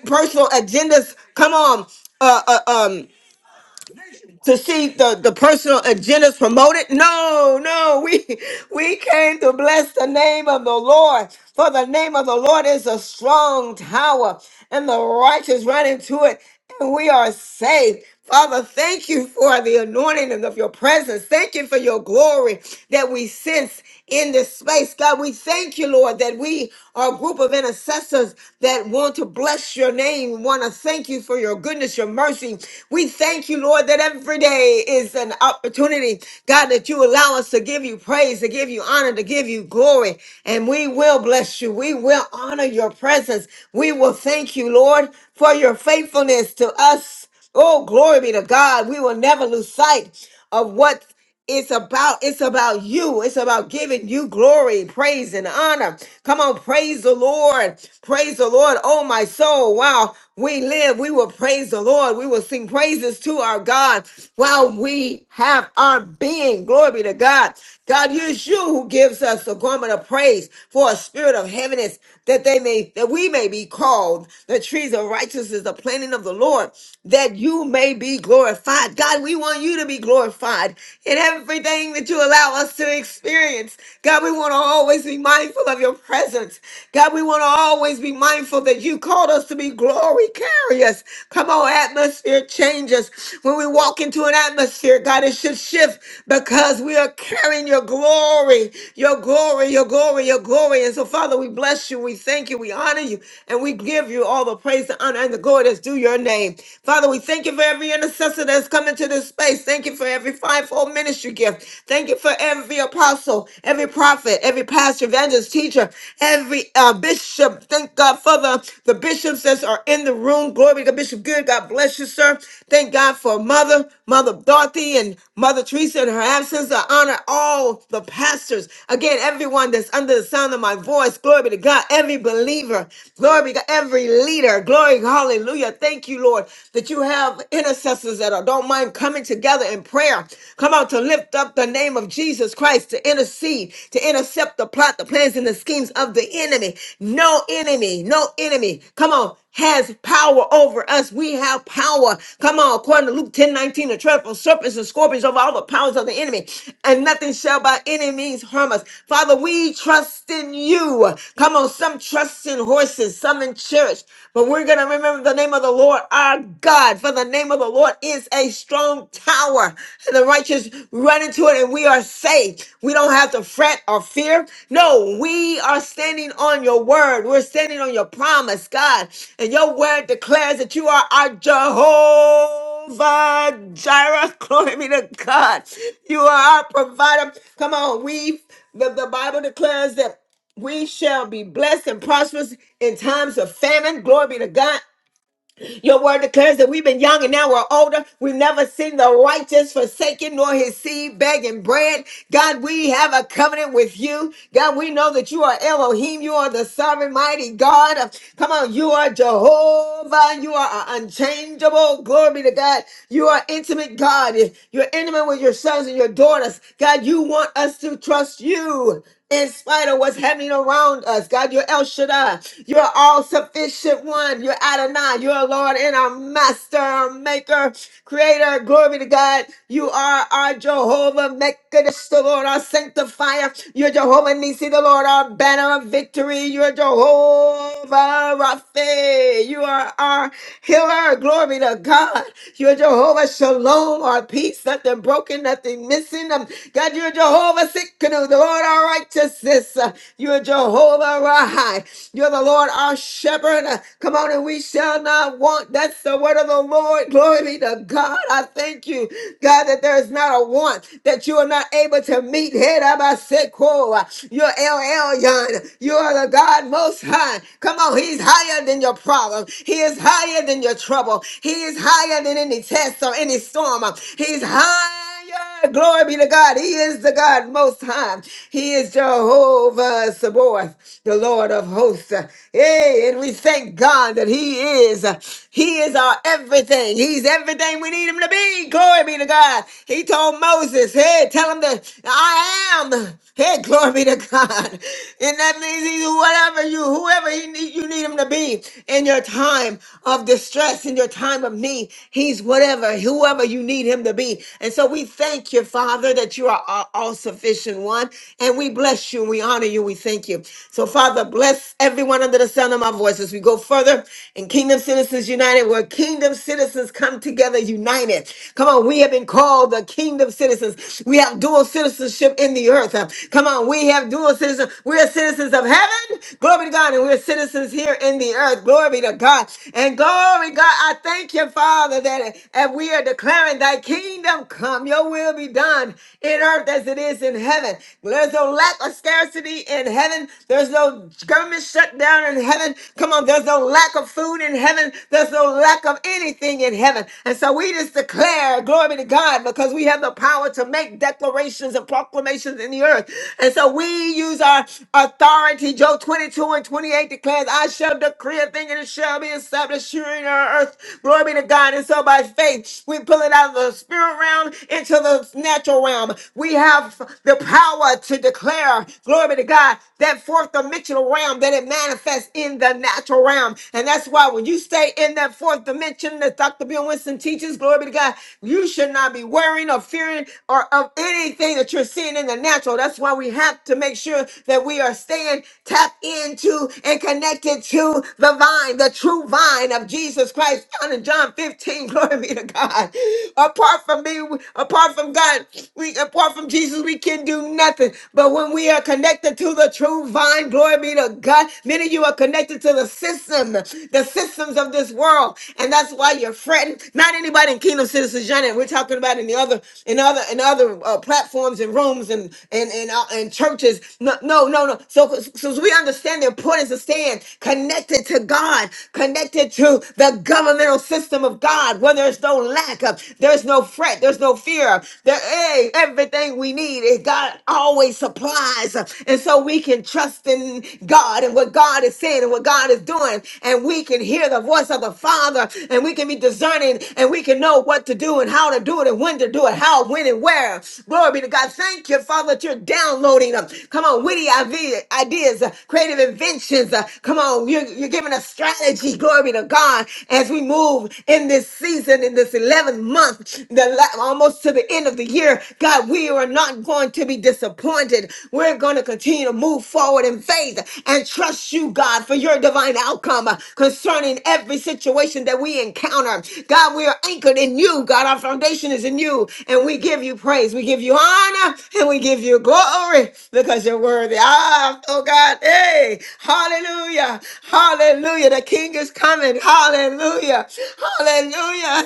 [SPEAKER 1] personal agendas. Come on. Uh, uh, um, to see the, the personal agendas promoted. No, no, we we came to bless the name of the Lord. For the name of the Lord is a strong tower, and the righteous run into it, and we are saved. Father, thank you for the anointing of your presence. Thank you for your glory that we sense in this space. God, we thank you, Lord, that we are a group of intercessors intercessors that want to bless your name, want to thank you for your goodness, your mercy. We thank you, Lord, that every day is an opportunity, God, that you allow us to give you praise, to give you honor, to give you glory. And we will bless you. We will honor your presence. We will thank you, Lord, for your faithfulness to us. Oh, glory be to God. We will never lose sight of what it's about it's about you. It's about giving you glory, praise, and honor. Come on, praise the Lord. Praise the Lord. Oh my soul. Wow. We live. We will praise the Lord. We will sing praises to our God while we have our being. Glory be to God. God, it is you who gives us the garment of praise for a spirit of heaviness, that they may that we may be called the trees of righteousness, the planting of the Lord, that you may be glorified. God, God, we want you to be glorified in everything that you allow us to experience. God, we want to always be mindful of your presence. God, we want to always be mindful that you called us to be glory carriers. Come on, atmosphere changes. When we walk into an atmosphere, God, it should shift because we are carrying your glory, your glory, your glory, your glory. And so, Father, we bless you, we thank you, we honor you, and we give you all the praise, the honor, and the glory that's due your name. Father, we thank you for every intercessor that's come into this space. Thank you for every fivefold ministry gift. Thank you for every apostle, every prophet, every pastor, evangelist, teacher, every uh, bishop. Thank God for the, the bishops that are in the room. Glory to Bishop Good. God bless you, sir. Thank God for Mother, Mother Dorothy, and Mother Teresa in her absence. I honor all the pastors. Again, everyone that's under the sound of my voice. Glory be to God. Every believer. Glory be to God. Every leader. Glory. Hallelujah. Thank you, Lord, that you have intercessors that are, don't mind coming together in prayer. Come out to lift up the name of Jesus Christ, to intercede, to intercept the plot, the plans, and the schemes of the enemy. No enemy, no enemy. Come on. Has power over us. We have power. Come on, according to Luke ten nineteen, 19, the tread on serpents and scorpions over all the powers of the enemy, and nothing shall by any means harm us. Father, we trust in you. Come on, some trust oxen, and horses, some in church. But we're going to remember the name of the Lord our God, for the name of the Lord is a strong tower. And the righteous run into it and we are saved. We don't have to fret or fear. No, we are standing on your word. We're standing on your promise, God. And your word declares that you are our Jehovah Jehovah Jireh. Glory be to God. You are our provider. Come on, we, the, the Bible declares that we shall be blessed and prosperous in times of famine. Glory be to God. Your word declares that we've been young and now we're older. We've never seen the righteous forsaken nor his seed begging bread. God, we have a covenant with you. God, we know that you are Elohim. You are the sovereign, mighty God. Come on, you are Jehovah. You are unchangeable. Glory be to God. You are intimate God. You're intimate with your sons and your daughters. God, you want us to trust you in spite of what's happening around us. God, you're El Shaddai. You're all sufficient one. You're Adonai. You're our Lord and our Master, our Maker, Creator. Glory to God. You are our Jehovah Mekadesh, the Lord, our Sanctifier. You're Jehovah Nisi, the Lord, our Banner of Victory. You're Jehovah Rapha. You are our healer. Glory to God. You're Jehovah Shalom, our peace, nothing broken, nothing missing. Um, God, you're Jehovah Sikkenu, the Lord our righteousness. Uh, you're Jehovah Rahai. You're the Lord our shepherd. Come on, and we shall not want. That's the word of the Lord. Glory be to God. I thank you, God, that there is not a want that you are not able to meet. Head up, I said, "Cool." You're El Elyon. You are the God most high. Come on, He's higher than your problem. He is higher than your trouble. He is higher than any test or any storm. He's high. Hallelujah. Glory be to God. He is the God most high. He is Jehovah Sabaoth, the Lord of hosts. Hey, and we thank God that He is. He is our everything. He's everything we need Him to be. Glory be to God. He told Moses, hey, tell him that I am. Hey, glory be to God. And that means He's whatever you, whoever he need, you need Him to be in your time of distress, in your time of need. He's whatever whatever, whoever you need him to be. And so we thank you, Father, that you are our all sufficient one. And we bless you, we honor you, we thank you. So, Father, bless everyone under the sound of my voice as we go further in Kingdom Citizens United, where kingdom citizens come together united. Come on, we have been called the kingdom citizens. We have dual citizenship in the earth. Uh, Come on, we have dual citizenship. We're citizens of heaven. Glory to God. And we're citizens here in the earth. Glory be to God. And glory. Glory, God. I thank you, Father, that as we are declaring thy kingdom come, your will be done in earth as it is in heaven. There's no lack of scarcity in heaven. There's no government shutdown in heaven. Come on, there's no lack of food in heaven. There's no lack of anything in heaven. And so we just declare, glory be to God, because we have the power to make declarations and proclamations in the earth. And so we use our authority. Job 22 and 28 declares, I shall shall decree a thing and it shall be established here in our earth. Glory be to God. And so by faith, we pull it out of the spirit realm into the natural realm. We have the power to declare, glory be to God, that fourth dimensional realm that it manifests in the natural realm. And that's why when you stay in that fourth dimension that Dr. Bill Winston teaches, glory be to God, you should not be worrying or fearing or of anything that you're seeing in the natural. That's why we have to make sure that we are staying Tap into and connected to the vine, the true vine of Jesus Christ, found in John 15. Glory be to God. Apart from me, apart from God, we apart from Jesus, we can do nothing. But when we are connected to the true vine, glory be to God. Many of you are connected to the system, the systems of this world, and that's why you're fretting. Not anybody in Kingdom Citizens United. We're talking about in the other, in other, in other uh, platforms and rooms and and and, uh, uh, in churches. No, no, no. no. So, so we understand the importance of staying connected to God, connected to the governmental system of God, where there's no lack of, there's no fret, there's no fear. There, hey, everything we need, eh, God always supplies. And so we can trust in God and what God is saying and what God is doing. And we can hear the voice of the Father and we can be discerning and we can know what to do and how to do it and when to do it, how, when, and where. Glory be to God. Thank you, Father, that you're downloading them. Come on, witty ide- ideas, uh, creative inventions. uh, Come on, you're, you're giving us strategy. Glory be to God as we move in this season, in this 11th month, the la- almost to the end of the year. God, we are not going to be disappointed. We're going to continue to move forward in faith and trust you, God, for your divine outcome uh, concerning every situation that we encounter. God, we are anchored in you, God foundation is in you. And we give you praise. We give you honor and we give you glory because you're worthy. Ah, oh God. Hey, hallelujah. Hallelujah. The King is coming. Hallelujah. Hallelujah.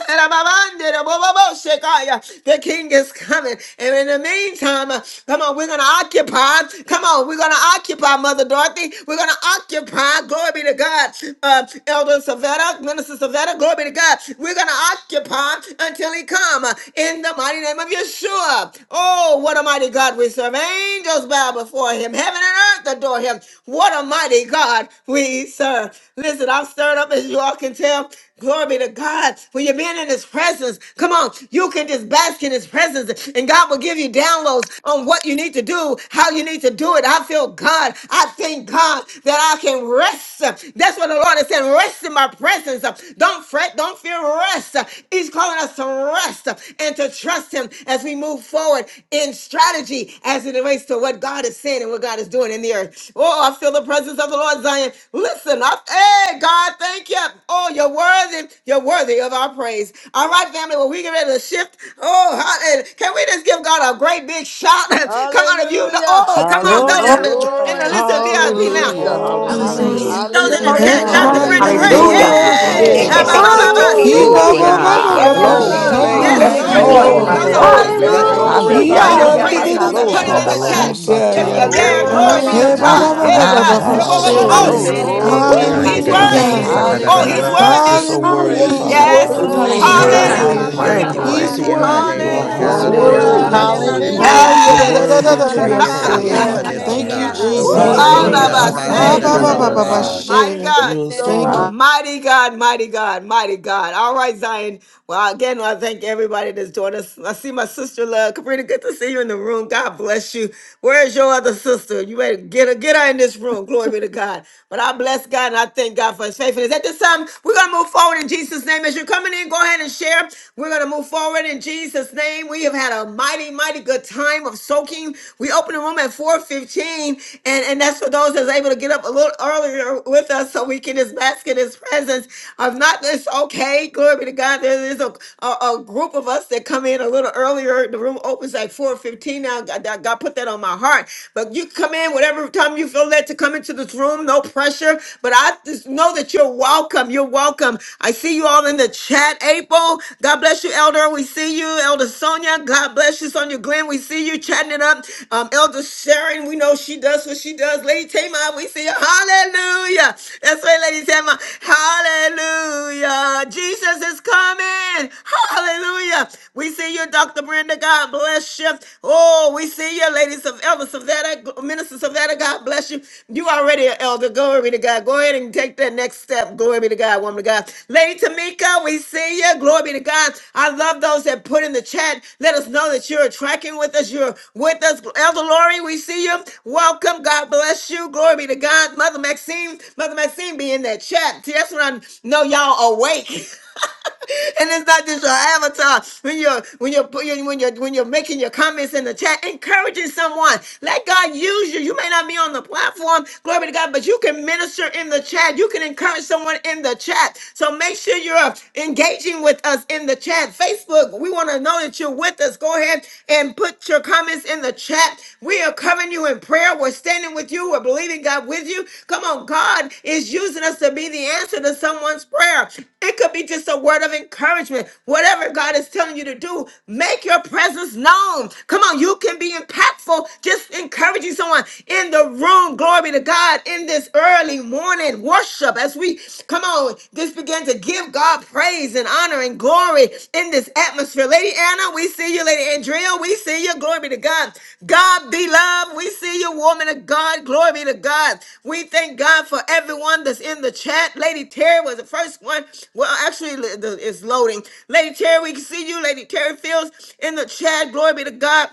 [SPEAKER 1] The King is coming. And in the meantime, uh, come on, we're going to occupy. Come on, we're going to occupy, Mother Dorothy. We're going to occupy. Glory be to God. Uh, Elder Savetta, Minister Savetta, glory be to God. God. We're going to occupy until he come uh, in the mighty name of Yeshua. Oh, what a mighty God we serve. Angels bow before him. Heaven and earth adore him. What a mighty God we serve. Listen, I'm stirred up as you all can tell. Glory be to God. When you're being in his presence, come on, you can just bask in his presence and God will give you downloads on what you need to do, how you need to do it. I feel God. I thank God that I can rest. That's what the Lord has said said, rest in my presence. Don't fret, don't fear, rest. He's calling us to rest and to trust him as we move forward in strategy as it relates to what God is saying and what God is doing in the earth. Oh, I feel the presence of the Lord, Zion. Listen up. Hey, God, thank you. Oh, you're worthy. You're worthy of our praise. All right, family, well, we get ready to shift. Oh, hallelujah. can we just give God a great big shout? come on, if you know.
[SPEAKER 7] Hallelujah.
[SPEAKER 1] Oh, come on,
[SPEAKER 15] Hallelujah.
[SPEAKER 1] those in the, in the
[SPEAKER 7] Glory.
[SPEAKER 2] Glory,
[SPEAKER 1] listen
[SPEAKER 7] Thank you,
[SPEAKER 1] VIP
[SPEAKER 16] to
[SPEAKER 1] now.
[SPEAKER 16] your
[SPEAKER 5] Hallelujah.
[SPEAKER 16] name.
[SPEAKER 7] Jesus.
[SPEAKER 15] Oh,
[SPEAKER 2] glory,
[SPEAKER 10] Jesus.
[SPEAKER 2] glory,
[SPEAKER 17] Hallelujah.
[SPEAKER 1] Those
[SPEAKER 15] hallelujah.
[SPEAKER 18] Lord,
[SPEAKER 1] in the
[SPEAKER 17] Thank
[SPEAKER 2] glory,
[SPEAKER 17] you,
[SPEAKER 15] Thank
[SPEAKER 1] chat,
[SPEAKER 15] you,
[SPEAKER 7] Hallelujah.
[SPEAKER 17] God.
[SPEAKER 2] glory.
[SPEAKER 1] Dr. Brenda
[SPEAKER 7] Thank
[SPEAKER 9] Hallelujah.
[SPEAKER 7] you,
[SPEAKER 15] Jesus.
[SPEAKER 1] Ray.
[SPEAKER 5] Hallelujah.
[SPEAKER 3] Hallelujah.
[SPEAKER 5] Thank
[SPEAKER 7] Jesus.
[SPEAKER 5] you,
[SPEAKER 6] Glory.
[SPEAKER 17] Thank
[SPEAKER 5] Father
[SPEAKER 17] you,
[SPEAKER 2] Hallelujah,
[SPEAKER 1] Yay!
[SPEAKER 15] Oh,
[SPEAKER 10] Ekandidididiyoshe.
[SPEAKER 1] Ha
[SPEAKER 5] God.
[SPEAKER 1] ba
[SPEAKER 6] Hallelujah.
[SPEAKER 1] ba
[SPEAKER 9] Hallelujah.
[SPEAKER 15] glory
[SPEAKER 17] Jesus.
[SPEAKER 1] ba
[SPEAKER 7] Hallelujah.
[SPEAKER 15] to
[SPEAKER 1] ba
[SPEAKER 15] the
[SPEAKER 18] Lord,
[SPEAKER 2] glory,
[SPEAKER 5] I
[SPEAKER 1] say.
[SPEAKER 15] Lamb
[SPEAKER 6] Hey,
[SPEAKER 7] I
[SPEAKER 15] of
[SPEAKER 7] will
[SPEAKER 15] God.
[SPEAKER 5] praise
[SPEAKER 7] bless
[SPEAKER 2] hallelujah.
[SPEAKER 7] the
[SPEAKER 13] Hallelujah.
[SPEAKER 5] your
[SPEAKER 3] Etepeketeketeketeketeketeaka.
[SPEAKER 4] Hallelujah.
[SPEAKER 7] Lord
[SPEAKER 5] holy
[SPEAKER 2] Thank
[SPEAKER 15] We
[SPEAKER 7] at
[SPEAKER 6] glory.
[SPEAKER 9] Ayaba,
[SPEAKER 2] you,
[SPEAKER 1] Woo!
[SPEAKER 15] say
[SPEAKER 5] name.
[SPEAKER 9] ye
[SPEAKER 7] all
[SPEAKER 4] Thank
[SPEAKER 1] Yes,
[SPEAKER 2] Jesus.
[SPEAKER 3] Bless
[SPEAKER 4] you,
[SPEAKER 17] Oh,
[SPEAKER 9] de
[SPEAKER 3] the
[SPEAKER 15] thank
[SPEAKER 4] Jesus.
[SPEAKER 1] Lord.
[SPEAKER 5] You
[SPEAKER 6] Hallelujah.
[SPEAKER 17] thank
[SPEAKER 9] de
[SPEAKER 5] are
[SPEAKER 15] you.
[SPEAKER 17] you,
[SPEAKER 7] times.
[SPEAKER 3] Lord,
[SPEAKER 9] de
[SPEAKER 18] Lord,
[SPEAKER 5] so
[SPEAKER 3] oh my
[SPEAKER 9] de
[SPEAKER 6] Mm.
[SPEAKER 2] Glory,
[SPEAKER 17] God.
[SPEAKER 1] Those
[SPEAKER 4] Glory
[SPEAKER 5] worthy
[SPEAKER 1] on
[SPEAKER 9] da
[SPEAKER 10] Ibabababababashandidididiyo.
[SPEAKER 5] to
[SPEAKER 3] soul.
[SPEAKER 2] glory,
[SPEAKER 4] to
[SPEAKER 7] His
[SPEAKER 9] ba
[SPEAKER 5] be
[SPEAKER 3] Bless
[SPEAKER 15] We
[SPEAKER 4] you.
[SPEAKER 3] his
[SPEAKER 9] ha.
[SPEAKER 1] Facebook,
[SPEAKER 7] praise
[SPEAKER 3] holy
[SPEAKER 5] praised,
[SPEAKER 2] glory.
[SPEAKER 7] shall
[SPEAKER 1] go
[SPEAKER 5] Father
[SPEAKER 3] name.
[SPEAKER 15] glorify
[SPEAKER 1] ahead
[SPEAKER 3] Did
[SPEAKER 18] Lord,
[SPEAKER 3] you
[SPEAKER 13] Hallelujah.
[SPEAKER 15] your
[SPEAKER 5] God.
[SPEAKER 1] and
[SPEAKER 3] hear
[SPEAKER 6] Hallelujah.
[SPEAKER 3] my
[SPEAKER 1] praise
[SPEAKER 7] continually
[SPEAKER 9] Glory,
[SPEAKER 15] name,
[SPEAKER 3] sa-
[SPEAKER 1] him.
[SPEAKER 3] sa-
[SPEAKER 7] be
[SPEAKER 1] Put
[SPEAKER 7] in
[SPEAKER 3] sa-
[SPEAKER 1] it
[SPEAKER 4] Hallelujah.
[SPEAKER 3] sa-
[SPEAKER 15] Jesus.
[SPEAKER 6] Glory.
[SPEAKER 1] in
[SPEAKER 7] my
[SPEAKER 3] sa-
[SPEAKER 1] the
[SPEAKER 3] sa-
[SPEAKER 4] Bless
[SPEAKER 3] sa?
[SPEAKER 4] your
[SPEAKER 1] chat.
[SPEAKER 4] name.
[SPEAKER 7] mouth.
[SPEAKER 9] glory.
[SPEAKER 6] We
[SPEAKER 1] If
[SPEAKER 6] say,
[SPEAKER 4] Thank
[SPEAKER 1] you're
[SPEAKER 10] Ishandididididiyosikaya.
[SPEAKER 9] Ayaba
[SPEAKER 5] Shandalamosatai
[SPEAKER 4] you,
[SPEAKER 15] Oh,
[SPEAKER 9] ba
[SPEAKER 15] de
[SPEAKER 1] there,
[SPEAKER 9] ba
[SPEAKER 15] da
[SPEAKER 4] Jesus.
[SPEAKER 15] da
[SPEAKER 1] glory
[SPEAKER 9] ba
[SPEAKER 7] Oh,
[SPEAKER 1] be
[SPEAKER 9] da
[SPEAKER 15] ba
[SPEAKER 1] to
[SPEAKER 9] da
[SPEAKER 5] yalalabosite.
[SPEAKER 9] da
[SPEAKER 15] sa
[SPEAKER 9] da
[SPEAKER 17] Hallelujah.
[SPEAKER 4] Your
[SPEAKER 7] blessed
[SPEAKER 1] God.
[SPEAKER 6] my,
[SPEAKER 9] da
[SPEAKER 4] rock
[SPEAKER 15] ta
[SPEAKER 1] Hey,
[SPEAKER 7] be
[SPEAKER 1] da
[SPEAKER 7] the
[SPEAKER 9] ba.
[SPEAKER 4] is
[SPEAKER 15] ya.
[SPEAKER 6] my,
[SPEAKER 1] ba,
[SPEAKER 4] God.
[SPEAKER 7] name
[SPEAKER 6] my,
[SPEAKER 1] si,
[SPEAKER 4] Your
[SPEAKER 1] bo,
[SPEAKER 7] of
[SPEAKER 6] my.
[SPEAKER 17] Thank you,
[SPEAKER 1] bo,
[SPEAKER 7] the
[SPEAKER 1] bo,
[SPEAKER 10] Ebabababababashe.
[SPEAKER 1] bo,
[SPEAKER 4] mighty
[SPEAKER 7] Lord.
[SPEAKER 17] Jesus.
[SPEAKER 1] si.
[SPEAKER 9] Glory,
[SPEAKER 5] Hallelujah.
[SPEAKER 4] God.
[SPEAKER 6] Glory.
[SPEAKER 18] Lord,
[SPEAKER 9] de
[SPEAKER 13] Hallelujah.
[SPEAKER 5] You're
[SPEAKER 15] Oh,
[SPEAKER 9] de
[SPEAKER 15] de
[SPEAKER 1] Woo!
[SPEAKER 9] ke
[SPEAKER 7] Hallelujah.
[SPEAKER 19] Ah,
[SPEAKER 15] de
[SPEAKER 19] yeah,
[SPEAKER 9] she
[SPEAKER 5] worthy
[SPEAKER 1] He's
[SPEAKER 15] de
[SPEAKER 19] da,
[SPEAKER 9] de
[SPEAKER 19] da,
[SPEAKER 5] to
[SPEAKER 15] ya
[SPEAKER 19] da,
[SPEAKER 4] Hallelujah.
[SPEAKER 5] be
[SPEAKER 9] de
[SPEAKER 15] sa
[SPEAKER 9] de
[SPEAKER 17] Thank
[SPEAKER 1] worthy.
[SPEAKER 4] King
[SPEAKER 10] Hallelujah.
[SPEAKER 17] you,
[SPEAKER 4] of
[SPEAKER 9] de de
[SPEAKER 15] ta
[SPEAKER 7] Oh,
[SPEAKER 9] de
[SPEAKER 15] da
[SPEAKER 17] Lord
[SPEAKER 5] praised.
[SPEAKER 15] da
[SPEAKER 4] kings
[SPEAKER 9] de
[SPEAKER 1] Oh,
[SPEAKER 7] you're
[SPEAKER 4] and
[SPEAKER 15] ba
[SPEAKER 9] da
[SPEAKER 1] he's
[SPEAKER 4] the
[SPEAKER 17] God.
[SPEAKER 6] Hallelujah.
[SPEAKER 9] da
[SPEAKER 15] sa.
[SPEAKER 4] Lord of
[SPEAKER 7] worthy
[SPEAKER 9] ba.
[SPEAKER 5] You're
[SPEAKER 4] lords.
[SPEAKER 7] to
[SPEAKER 1] worthy.
[SPEAKER 5] so
[SPEAKER 7] be
[SPEAKER 10] Hallelujah.
[SPEAKER 5] worthy,
[SPEAKER 7] praised.
[SPEAKER 10] He's
[SPEAKER 5] Father
[SPEAKER 7] I'm
[SPEAKER 13] Hallelujah.
[SPEAKER 9] Glory,
[SPEAKER 4] Holy
[SPEAKER 1] Yes.
[SPEAKER 3] Ooh,
[SPEAKER 4] is
[SPEAKER 5] God.
[SPEAKER 6] My
[SPEAKER 4] your
[SPEAKER 10] worthy.
[SPEAKER 7] trusting
[SPEAKER 10] He's
[SPEAKER 7] you,
[SPEAKER 17] Thank
[SPEAKER 9] glory.
[SPEAKER 4] name,
[SPEAKER 17] you,
[SPEAKER 3] Hallelujah.
[SPEAKER 6] God, we
[SPEAKER 4] God.
[SPEAKER 15] Glory,
[SPEAKER 7] God.
[SPEAKER 6] say
[SPEAKER 10] worthy.
[SPEAKER 17] God.
[SPEAKER 9] Ayaba
[SPEAKER 6] thank
[SPEAKER 9] ba
[SPEAKER 19] Hallelujah.
[SPEAKER 9] ba
[SPEAKER 17] Worthy,
[SPEAKER 1] Hallelujah.
[SPEAKER 9] ba
[SPEAKER 4] Wonderful
[SPEAKER 19] Glory
[SPEAKER 9] ba
[SPEAKER 5] Hallelujah.
[SPEAKER 10] He's
[SPEAKER 19] to
[SPEAKER 9] da
[SPEAKER 17] worthy.
[SPEAKER 19] your
[SPEAKER 9] de
[SPEAKER 4] counselor
[SPEAKER 19] high
[SPEAKER 13] Hallelujah.
[SPEAKER 9] de
[SPEAKER 4] is
[SPEAKER 7] Trusting
[SPEAKER 4] your
[SPEAKER 5] You
[SPEAKER 19] name,
[SPEAKER 7] you,
[SPEAKER 9] ke
[SPEAKER 10] worthy.
[SPEAKER 5] are
[SPEAKER 19] Lord
[SPEAKER 9] ya
[SPEAKER 4] name,
[SPEAKER 7] Father.
[SPEAKER 19] God.
[SPEAKER 10] He's
[SPEAKER 6] you.
[SPEAKER 9] ba.
[SPEAKER 4] God.
[SPEAKER 19] I
[SPEAKER 5] holy,
[SPEAKER 19] bless
[SPEAKER 9] Alala
[SPEAKER 19] you
[SPEAKER 9] da
[SPEAKER 6] Woo.
[SPEAKER 15] glory
[SPEAKER 9] da
[SPEAKER 10] worthy.
[SPEAKER 5] holy,
[SPEAKER 15] to
[SPEAKER 19] this
[SPEAKER 1] Hallelujah.
[SPEAKER 4] Perfect
[SPEAKER 9] de ba
[SPEAKER 4] peace,
[SPEAKER 7] Hallelujah.
[SPEAKER 15] the
[SPEAKER 19] morning,
[SPEAKER 5] holy.
[SPEAKER 9] sa.
[SPEAKER 11] Hallelujah,
[SPEAKER 19] Father.
[SPEAKER 15] Most
[SPEAKER 6] Jesus.
[SPEAKER 10] Hiya
[SPEAKER 5] You're
[SPEAKER 10] da
[SPEAKER 7] I'm
[SPEAKER 15] High!
[SPEAKER 10] da da
[SPEAKER 1] Yes.
[SPEAKER 10] da
[SPEAKER 6] Jesus.
[SPEAKER 5] worthy
[SPEAKER 10] da da,
[SPEAKER 5] to
[SPEAKER 9] Alala
[SPEAKER 5] be
[SPEAKER 7] believing
[SPEAKER 13] Hallelujah.
[SPEAKER 9] da
[SPEAKER 19] Great
[SPEAKER 10] you'll
[SPEAKER 19] is
[SPEAKER 7] in you,
[SPEAKER 9] ba
[SPEAKER 19] thy
[SPEAKER 4] everlasting
[SPEAKER 5] praised,
[SPEAKER 10] say.
[SPEAKER 9] sa
[SPEAKER 4] Father.
[SPEAKER 17] Thank
[SPEAKER 5] Father
[SPEAKER 9] ta
[SPEAKER 15] Yes,
[SPEAKER 17] you,
[SPEAKER 19] faithfulness,
[SPEAKER 9] de
[SPEAKER 19] O
[SPEAKER 10] Thank
[SPEAKER 9] ke
[SPEAKER 5] God.
[SPEAKER 10] you,
[SPEAKER 9] ya
[SPEAKER 7] God.
[SPEAKER 4] You
[SPEAKER 19] God.
[SPEAKER 9] ha.
[SPEAKER 4] are
[SPEAKER 1] Woo!
[SPEAKER 17] Jesus.
[SPEAKER 6] Mm,
[SPEAKER 19] Robo
[SPEAKER 17] Eh,
[SPEAKER 15] yes,
[SPEAKER 10] Jesus.
[SPEAKER 6] mm,
[SPEAKER 1] All
[SPEAKER 19] shik,
[SPEAKER 7] Oh,
[SPEAKER 17] Goro
[SPEAKER 1] of
[SPEAKER 4] worthy,
[SPEAKER 5] Hallelujah. I
[SPEAKER 6] mm,
[SPEAKER 1] us
[SPEAKER 15] Jesus.
[SPEAKER 4] God.
[SPEAKER 19] araba,
[SPEAKER 17] Shande,
[SPEAKER 9] Hallelujah,
[SPEAKER 6] mm,
[SPEAKER 19] sa,
[SPEAKER 10] Ah,
[SPEAKER 17] Re,
[SPEAKER 5] thank
[SPEAKER 19] da,
[SPEAKER 15] Thank
[SPEAKER 1] say,
[SPEAKER 5] you,
[SPEAKER 10] ba
[SPEAKER 19] da,
[SPEAKER 17] Re,
[SPEAKER 15] you,
[SPEAKER 6] mm.
[SPEAKER 19] da,
[SPEAKER 10] ba ba
[SPEAKER 5] Father
[SPEAKER 13] Hallelujah.
[SPEAKER 10] ba ba
[SPEAKER 15] Lord.
[SPEAKER 4] Worthy.
[SPEAKER 19] ba.
[SPEAKER 5] God.
[SPEAKER 17] Shande.
[SPEAKER 9] hallelujah.
[SPEAKER 1] mighty
[SPEAKER 10] she.
[SPEAKER 7] yes,
[SPEAKER 1] God.
[SPEAKER 5] You are
[SPEAKER 10] Thank
[SPEAKER 7] Lord.
[SPEAKER 6] Good.
[SPEAKER 5] so
[SPEAKER 15] Bye.
[SPEAKER 10] you.
[SPEAKER 1] Mighty God, mighty God, mighty God. All right, Zion. Well, again, I thank everybody that's joined us. I see my sister, love. Cabrina, good to see you in the room. God bless you. Where's your other sister? You better get her, get her in this room. Glory be to God. But I bless God and I thank God for his faithfulness. At this time, we're going to move forward in Jesus' name. As you're coming in, go ahead and share. We're going to move forward in Jesus' name. We have had a mighty, mighty good time of soaking. We open the room at 4.15 and, and and that's for those that's able to get up a little earlier with us so we can just bask in his presence. If not, it's okay. Glory be to God. There is a, a, a group of us that come in a little earlier. The room opens like 4.15 now. God, God God put that on my heart. But you come in whatever time you feel led to come into this room. No pressure. But I just know that you're welcome. You're welcome. I see you all in the chat. April, God bless you, Elder. We see you, Elder Sonia. God bless you, Sonia Glenn. We we see you chatting it up. Um, Elder Sharon, we know she does what she does. Lady Tamar, we see you. Hallelujah. That's right, Lady Tamar. Hallelujah. Jesus is coming. Hallelujah. We see you, Dr. Brenda. God bless you. Oh, we see you, ladies of Elder Savannah, Minister Savannah. God bless you. You already an elder. Glory to God. Go ahead and take that next step. Glory be to God, woman of God. Lady Tamika, we see you. Glory be to God times. I love those that put in the chat. Let us know that you're tracking with us. You're with us. Elder Lori, we see you. Welcome. God bless you. Glory be to God. Mother Maxine, Mother Maxine be in that chat. See, that's when I know y'all awake. and it's not just your avatar when you're when you're put- when you're when you're making your comments in the chat encouraging someone let god use you you may not be on the platform glory to god but you can minister in the chat you can encourage someone someone in the chat. So make sure you're engaging with us in the chat. Facebook, we want to know that you're with us. Go ahead and put your comments in the chat. We are covering you in prayer. We're standing with you. We're believing God with you. Come on, God is using us to be the answer to someone's prayer. It could be just a word of encouragement. Whatever God is telling you to do, make your presence known. Come on, you can be impactful just encouraging someone in the room throne. Glory to God in this early morning worship as we come on, just begin to give God praise and honor and glory in this atmosphere. Lady Anna, we see you. Lady Andrea, we see you. Glory be to God. God be loved. We see you, woman of God. Glory be to God. We thank God for everyone that's in the chat. Lady Terry was the first one. Well, actually, the- the- it's loading. Lady Terry, we see you. Lady Terry Fields in the chat. Glory be to God.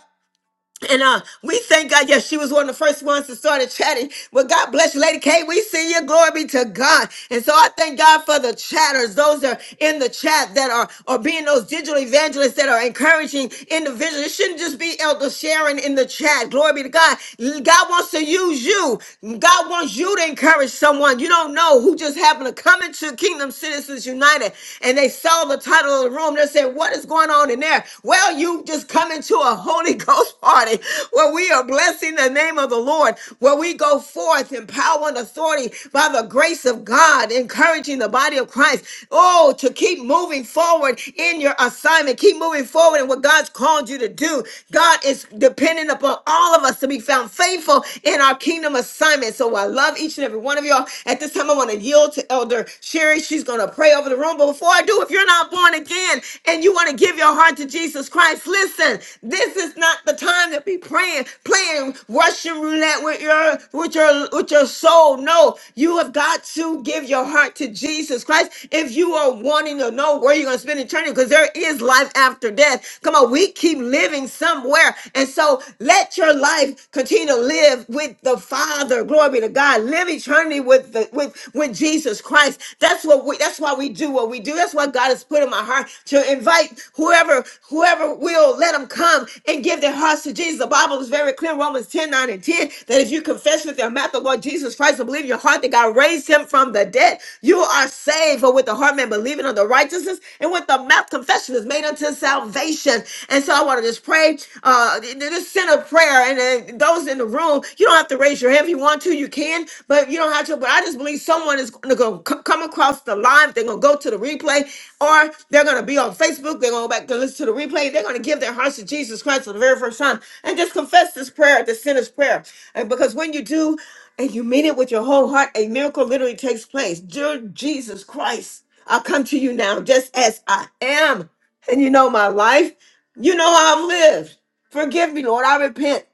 [SPEAKER 1] And uh, we thank God. Yes, she was one of the first ones to started chatting. Well, God bless you, Lady K. We see you. Glory be to God. And so I thank God for the chatters, those that are in the chat that are, are being those digital evangelists that are encouraging individuals. It shouldn't just be Elder Sharon in the chat. Glory be to God. God wants to use you. God wants you to encourage someone. You don't know who just happened to come into Kingdom Citizens United and they saw saw the title of the room They said, What is going on in there? Well, you just come into a Holy Ghost party where we are blessing the name of the Lord, where we go forth in power and authority by the grace of God, encouraging the body of Christ. Oh, to keep moving forward in your assignment, keep moving forward in what God's called you to do. God is dependent upon all of us to be found faithful in our kingdom assignment. So I love each each and every one of y'all. At this time, I want to yield to Elder Sherry. She's going to pray over the room. But before I do, if you're not born again and you want to give your heart to Jesus Christ, listen, this is not the time to be praying, playing Russian roulette with your with your with your soul. No, you have got to give your heart to Jesus Christ if you are wanting to know where you're going to spend eternity, because there is life after death. Come on, we keep living somewhere somewhere. And so let your life continue to live with the Father. Glory be to God. Live eternity with the with with Jesus Christ. That's what we that's why we do what we do. That's why God has put in my heart to invite whoever whoever will let them come and give their hearts to Jesus. The Bible is very clear, Romans 10 9 and 10, that if you confess with your mouth the Lord Jesus Christ and believe in your heart that God raised him from the dead, you are saved. For with the heart man believe believing on the righteousness and with the mouth confession is made unto salvation. And so I want to just pray uh, th- th- just send a prayer. And then those in the room, you don't have to raise your hand if you want to, you can, but you don't have to. But I just believe someone is going to come across the line. They're going to go to the replay or they're going to be on Facebook. They're going to go back to listen to the replay. They're going to give their hearts to Jesus Christ for the very first time and just confess this prayer, this sinner's prayer. And because when you do, and you mean it with your whole heart, a miracle literally takes place. Dear Jesus Christ, I come to you now just as I am. And you know my life. You know how I've lived. Forgive me, Lord. I repent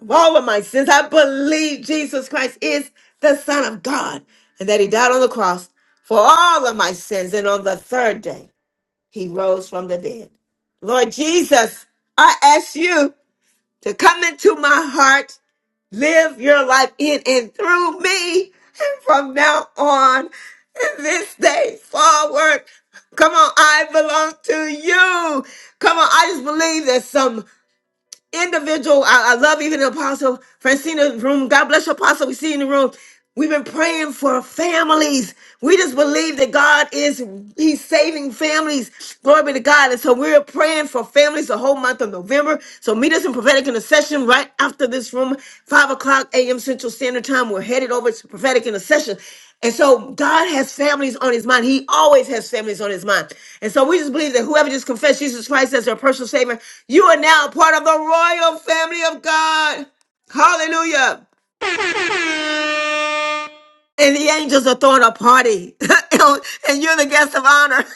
[SPEAKER 1] of all of my sins. I believe Jesus Christ is the Son of God and that He died on the cross for all of my sins. And on the third day, He rose from the dead. Lord Jesus, I ask you to come into my heart live your life in and through me. And from now on, this day forward, come on, I belong to you. Come on, I just believe that some individual. I, I love even Apostle Francina's room. God bless you, Apostle. We see you in the room. We've been praying for families. We just believe that God is He's saving families. Glory be to God. And so we're praying for families the whole month of November. So meet us in prophetic intercession right after this room, five o'clock a.m. Central Standard Time. We're headed over to prophetic intercession. And so God has families on his mind. He always has families on his mind. And so we just believe that whoever just confessed Jesus Christ as their personal savior, you are now part of the royal family of God. Hallelujah. And the angels are throwing a party. and you're the guest of honor.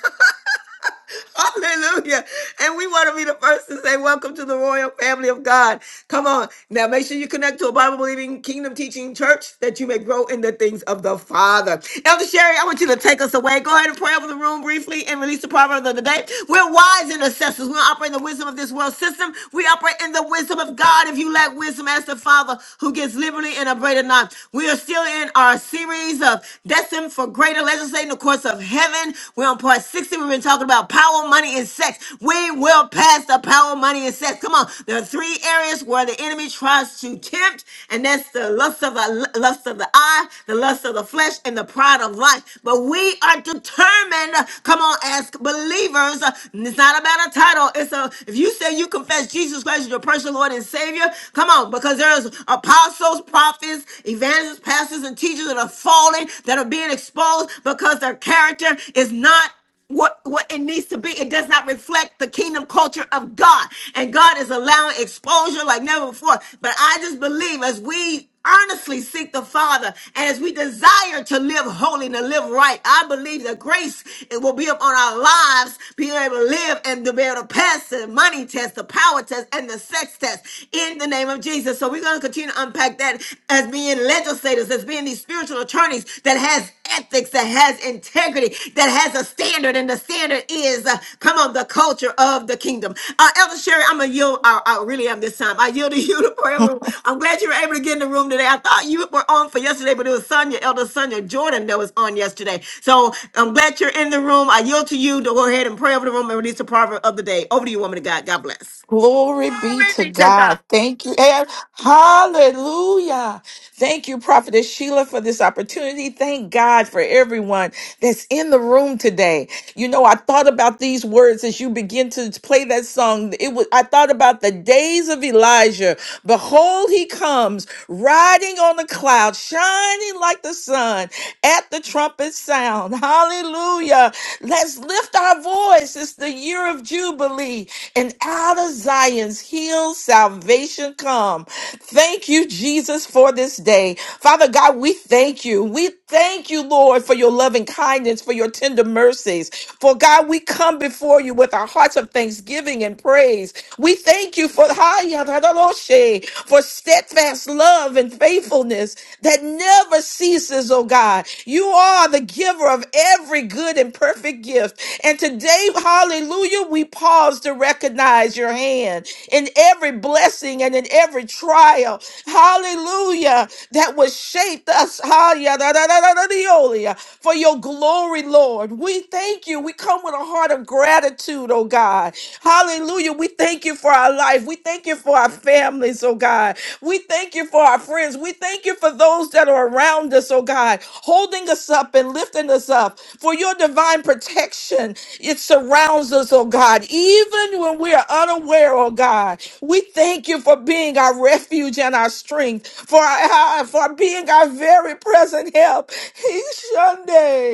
[SPEAKER 1] Hallelujah. And we want to be the first to say, Welcome to the royal family of God. Come on. Now, make sure you connect to a Bible believing, kingdom teaching church that you may grow in the things of the Father. Elder Sherry, I want you to take us away. Go ahead and pray over the room briefly and release the proverb of the day. We're wise intercessors. We don't operate in the wisdom of this world system. We operate in the wisdom of God. If you lack wisdom, ask the Father who gives liberally and abraded not. We are still in our series of Destined for Greater. Legislating courts of heaven. We're on part 60. We've been talking about power, money, and sex. We will pass the power, money, and sex. Come on. There are three areas where the enemy tries to tempt, and that's the lust of the lust of the eye, the lust of the flesh, and the pride of life. But we are determined. Come on, as believers. uh, It's not about a title. It's a if you say you confess Jesus Christ as your personal Lord and Savior, come on, because there's apostles, prophets, evangelists, pastors, and pastors and teachers that are falling, that are being exposed because their character is not what what it needs to be. It does not reflect the kingdom culture of God. And God is allowing exposure like never before. But I just believe as we earnestly seek the Father and as we desire to live holy and to live right, I believe that grace it will be upon our lives, being able to live and to be able to pass the money test, the power test, and the sex test in the name of Jesus. So we we're going to continue to unpack that as being legislators, as being these spiritual attorneys that has ethics, that has integrity, that has a standard, and the standard is, uh, come on, the culture of the kingdom. Uh, Elder Sherry, I'm going to yield. I, I really am this time. I yield to you to prayer room. I'm glad you were able to get in the room today. I thought you were on for yesterday, but it was Sonia, Elder Sonia Jordan that was on yesterday. So I'm glad you're in the room. I yield to you to go ahead and pray over the room and release the proverb of the day. Over to you, woman of God. God bless.
[SPEAKER 10] Glory be
[SPEAKER 1] Glory
[SPEAKER 10] to
[SPEAKER 1] be to God.
[SPEAKER 10] God. Thank you. and Hallelujah. Thank you, Prophetess Sheila, for this opportunity. Thank God for everyone that's in the room today. You know, I thought about these words as you begin to play that song. It was I thought about the days of Elijah. Behold, he comes riding on a cloud, shining like the sun at the trumpet sound. Hallelujah. Let's lift our voice. It's the year of Jubilee and out of Zion's hills salvation come. Thank you, Jesus, for this day. Father God, we thank you. We thank you, Lord, for your loving kindness, for your tender mercies. For God, we come before you with our hearts of thanksgiving and praise. We thank you for for steadfast love and faithfulness that never ceases, oh God. You are the giver of every good and perfect gift. And today, hallelujah, we pause to recognize your hand in every blessing and in every trial. Hallelujah, that was shaped us. Hallelujah, for your glory, Lord. We thank you. We come with a heart of gratitude, oh God. Hallelujah. We thank you for our life. We thank you for our families, oh God. We thank you for our friends. We thank you for those that are around us, oh God. God, holding us up and lifting us up. For your divine protection, it surrounds us, oh God, even when we are unaware, oh God. We thank you for being our refuge and our strength, for, our, for being our very present help.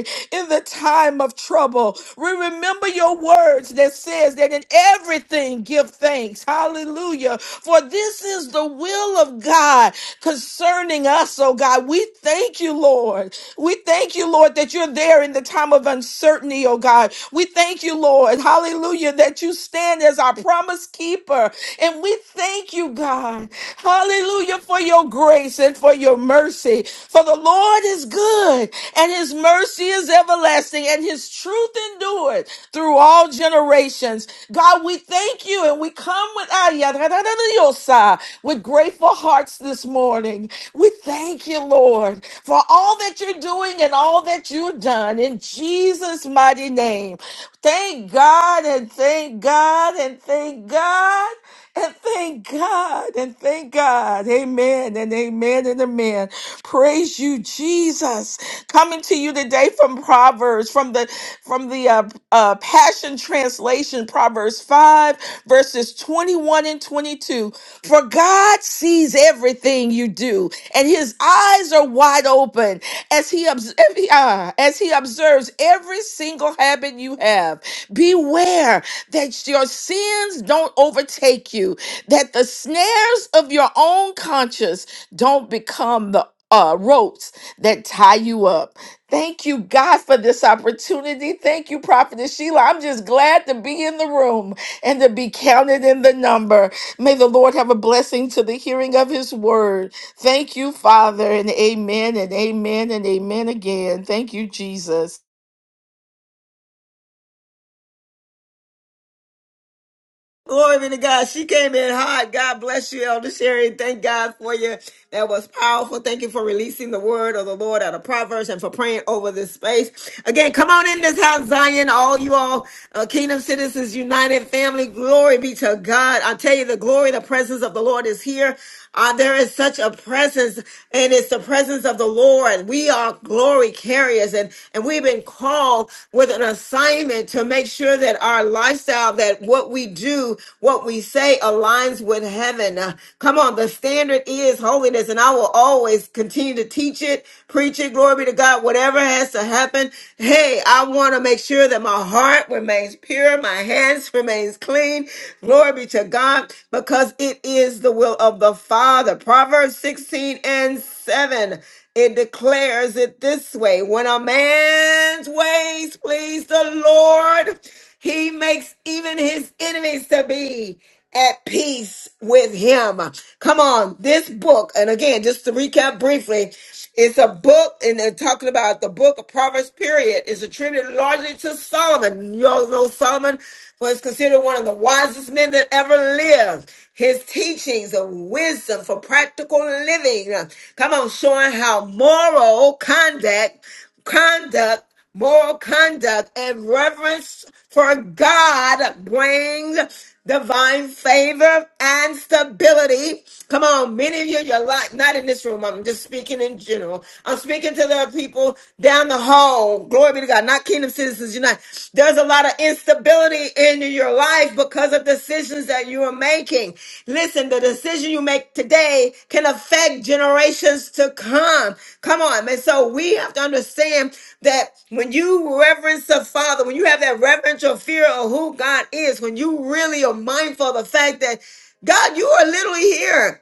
[SPEAKER 10] in the time of trouble. We remember your words that says that in everything give thanks. Hallelujah. For this is the will of God concerning us, oh God. We thank you, Lord. We thank you, Lord, that you're there in the time of uncertainty, oh God. We thank you, Lord. Hallelujah, that you stand as our promise keeper. And we thank you, God. Hallelujah for your grace and for your mercy. For the Lord is good and his mercy is everlasting and his truth endured through all generations. God, we thank you and we come with ah, yeah, da, da, da, da, yo, sigh, with grateful hearts this morning. We thank you, Lord, for all that you're doing and all that you've done in Jesus' mighty name. Thank God and thank God and thank God. And thank God, and thank God. Amen, and amen, and amen. Praise you, Jesus. Coming to you today from Proverbs, from the from the uh, uh, Passion Translation, Proverbs five, verses twenty-one and twenty-two. For God sees everything you do, and His eyes are wide open as He obs- every- uh, as He observes every single habit you have. Beware that your sins don't overtake you, that the snares of your own conscience don't become the uh, ropes that tie you up. Thank you, God, for this opportunity. Thank you, Prophetess Sheila. I'm just glad to be in the room and to be counted in the number. May the Lord have a blessing to the hearing of his word. Thank you, Father, and amen, and amen, and amen again. Thank you, Jesus.
[SPEAKER 1] Glory be to God. She came in hot. God bless you, Elder Sherry. Thank God for you. That was powerful. Thank you for releasing the word of the Lord out of Proverbs and for praying over this space. Again, come on in this house, Zion. All you all, uh, Kingdom Citizens United family. Glory be to God. I tell you, the glory, the presence of the Lord is here. Uh, there is such a presence, and it's the presence of the Lord. We are glory carriers, and and we've been we've been called with an assignment to make sure that our lifestyle, that what we do, what we say aligns with heaven. Uh, come on, the standard is holiness, and I will always continue to teach it, preach it, glory be to God, whatever has to happen. Hey, I want to make sure that my heart remains pure, my hands remains clean. Glory be to God, because it is the will of the Father. Proverbs 16 and 7. It declares it this way when a man's ways please the Lord, he makes even his enemies to be at peace with him. Come on, this book, and again, just to recap briefly, it's a book, and they're talking about the book of Proverbs, period, is attributed largely to Solomon. You all know Solomon was considered one of the wisest men that ever lived. His teachings of wisdom for practical living. uh, Come on, showing how moral conduct, conduct moral conduct and reverence for God brings divine favor and stability. Come on, many of you, you're like, not in this room. I'm just speaking in general. I'm speaking to the people down the hall. Glory be to God, not kingdom citizens unite. There's a lot of instability in your life life because of decisions that you are making. Listen, the decision you make today can affect generations to come. Come on. And so we have to understand that when you reverence the Father, when you have that reverential fear of who God is, when you really are mindful of the fact that God, you are literally here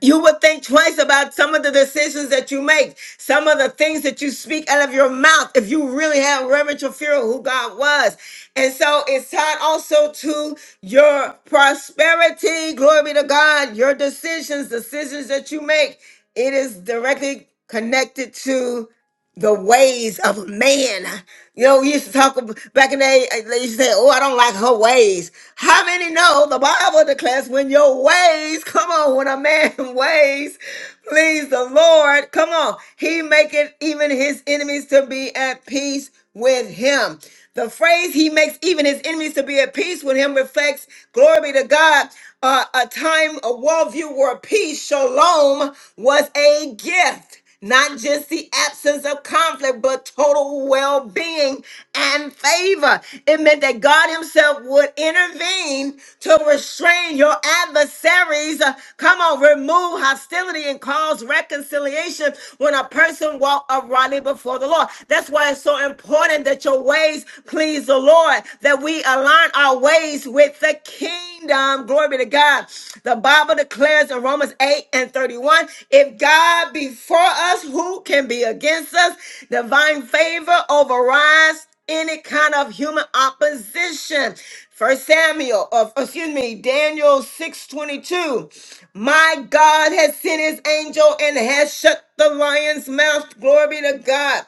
[SPEAKER 1] you would think twice about some of the decisions that you make, some of the things that you speak out of your mouth, if you really have reverential fear of who God was. And so it's tied also to your prosperity. Glory be to God. Your decisions, decisions that you make, it is directly connected to the ways of man. You know, we used to talk ab- back in the day, uh, they used to say, Oh, I don't like her ways. How many know the Bible declares when your ways, come on, when a man ways, please the Lord, come on, he maketh even his enemies to be at peace with him. The phrase he makes even his enemies to be at peace with him reflects, glory be to God, uh, a time, a worldview where peace, shalom, was a gift. Not just the absence of conflict, but total well being and favor. It meant that God Himself would intervene to restrain your adversaries. Uh, Come on, remove hostility and cause reconciliation when a person walks uprightly before the Lord. That's why it's so important that your ways please the Lord, that we align our ways with the kingdom. Glory be to God. The Bible declares in Romans 8 and 31 if God God be for us, who can be against us? Divine favor overrides any kind of human opposition. First Samuel, of excuse me, Daniel 6:22. My God has sent his angel and has shut the lion's mouth. Glory be to God.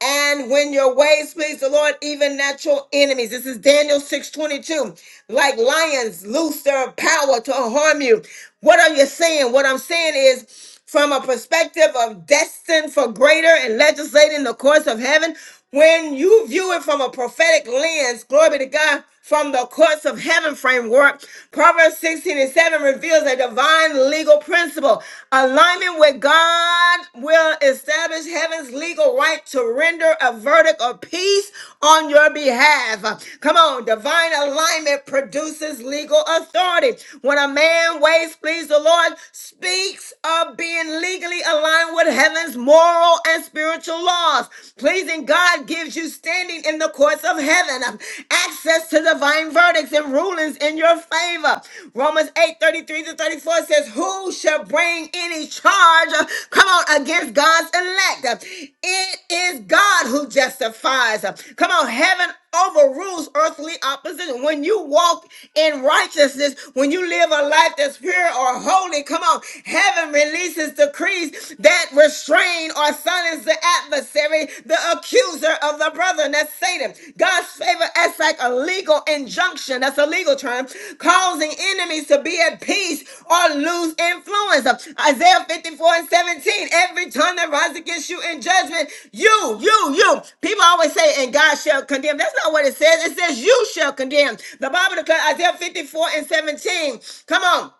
[SPEAKER 1] And when your ways please the Lord, even natural enemies. This is Daniel 6:22. Like lions, loose their power to harm you. What are you saying? What I'm saying is from a perspective of destined for greater and legislating the course of heaven. When you view it from a prophetic lens, glory be to God, from the courts of heaven framework, Proverbs 16 and 7 reveals a divine legal principle. Alignment with God will establish heaven's legal right to render a verdict of peace on your behalf. Come on, divine alignment produces legal authority. When a man ways please the Lord, speaks of being legally aligned with heaven's moral and spiritual laws. Pleasing God gives you standing in the courts of heaven, um, access to divine verdicts and rulings in your favor. Romans 8 33 to 34 says, Who shall bring any charge, uh, come on, against God's elect? Uh, It is God who justifies. Uh, Come on, heaven overrules earthly opposition. When you walk in righteousness, when you live a life that's pure or holy, holy. Come on. Heaven releases decrees that restrain or silence the adversary, the accuser of the brethren. That's Satan. God's favor acts like a legal injunction. That's a legal term, causing enemies to be at peace or lose influence. Isaiah 54 and 17. Every tongue that rises against you in judgment, you, you, you. People always say, and God shall condemn. That's not what it says. It says, you shall condemn. The Bible declares Isaiah 54 and 17. Come on.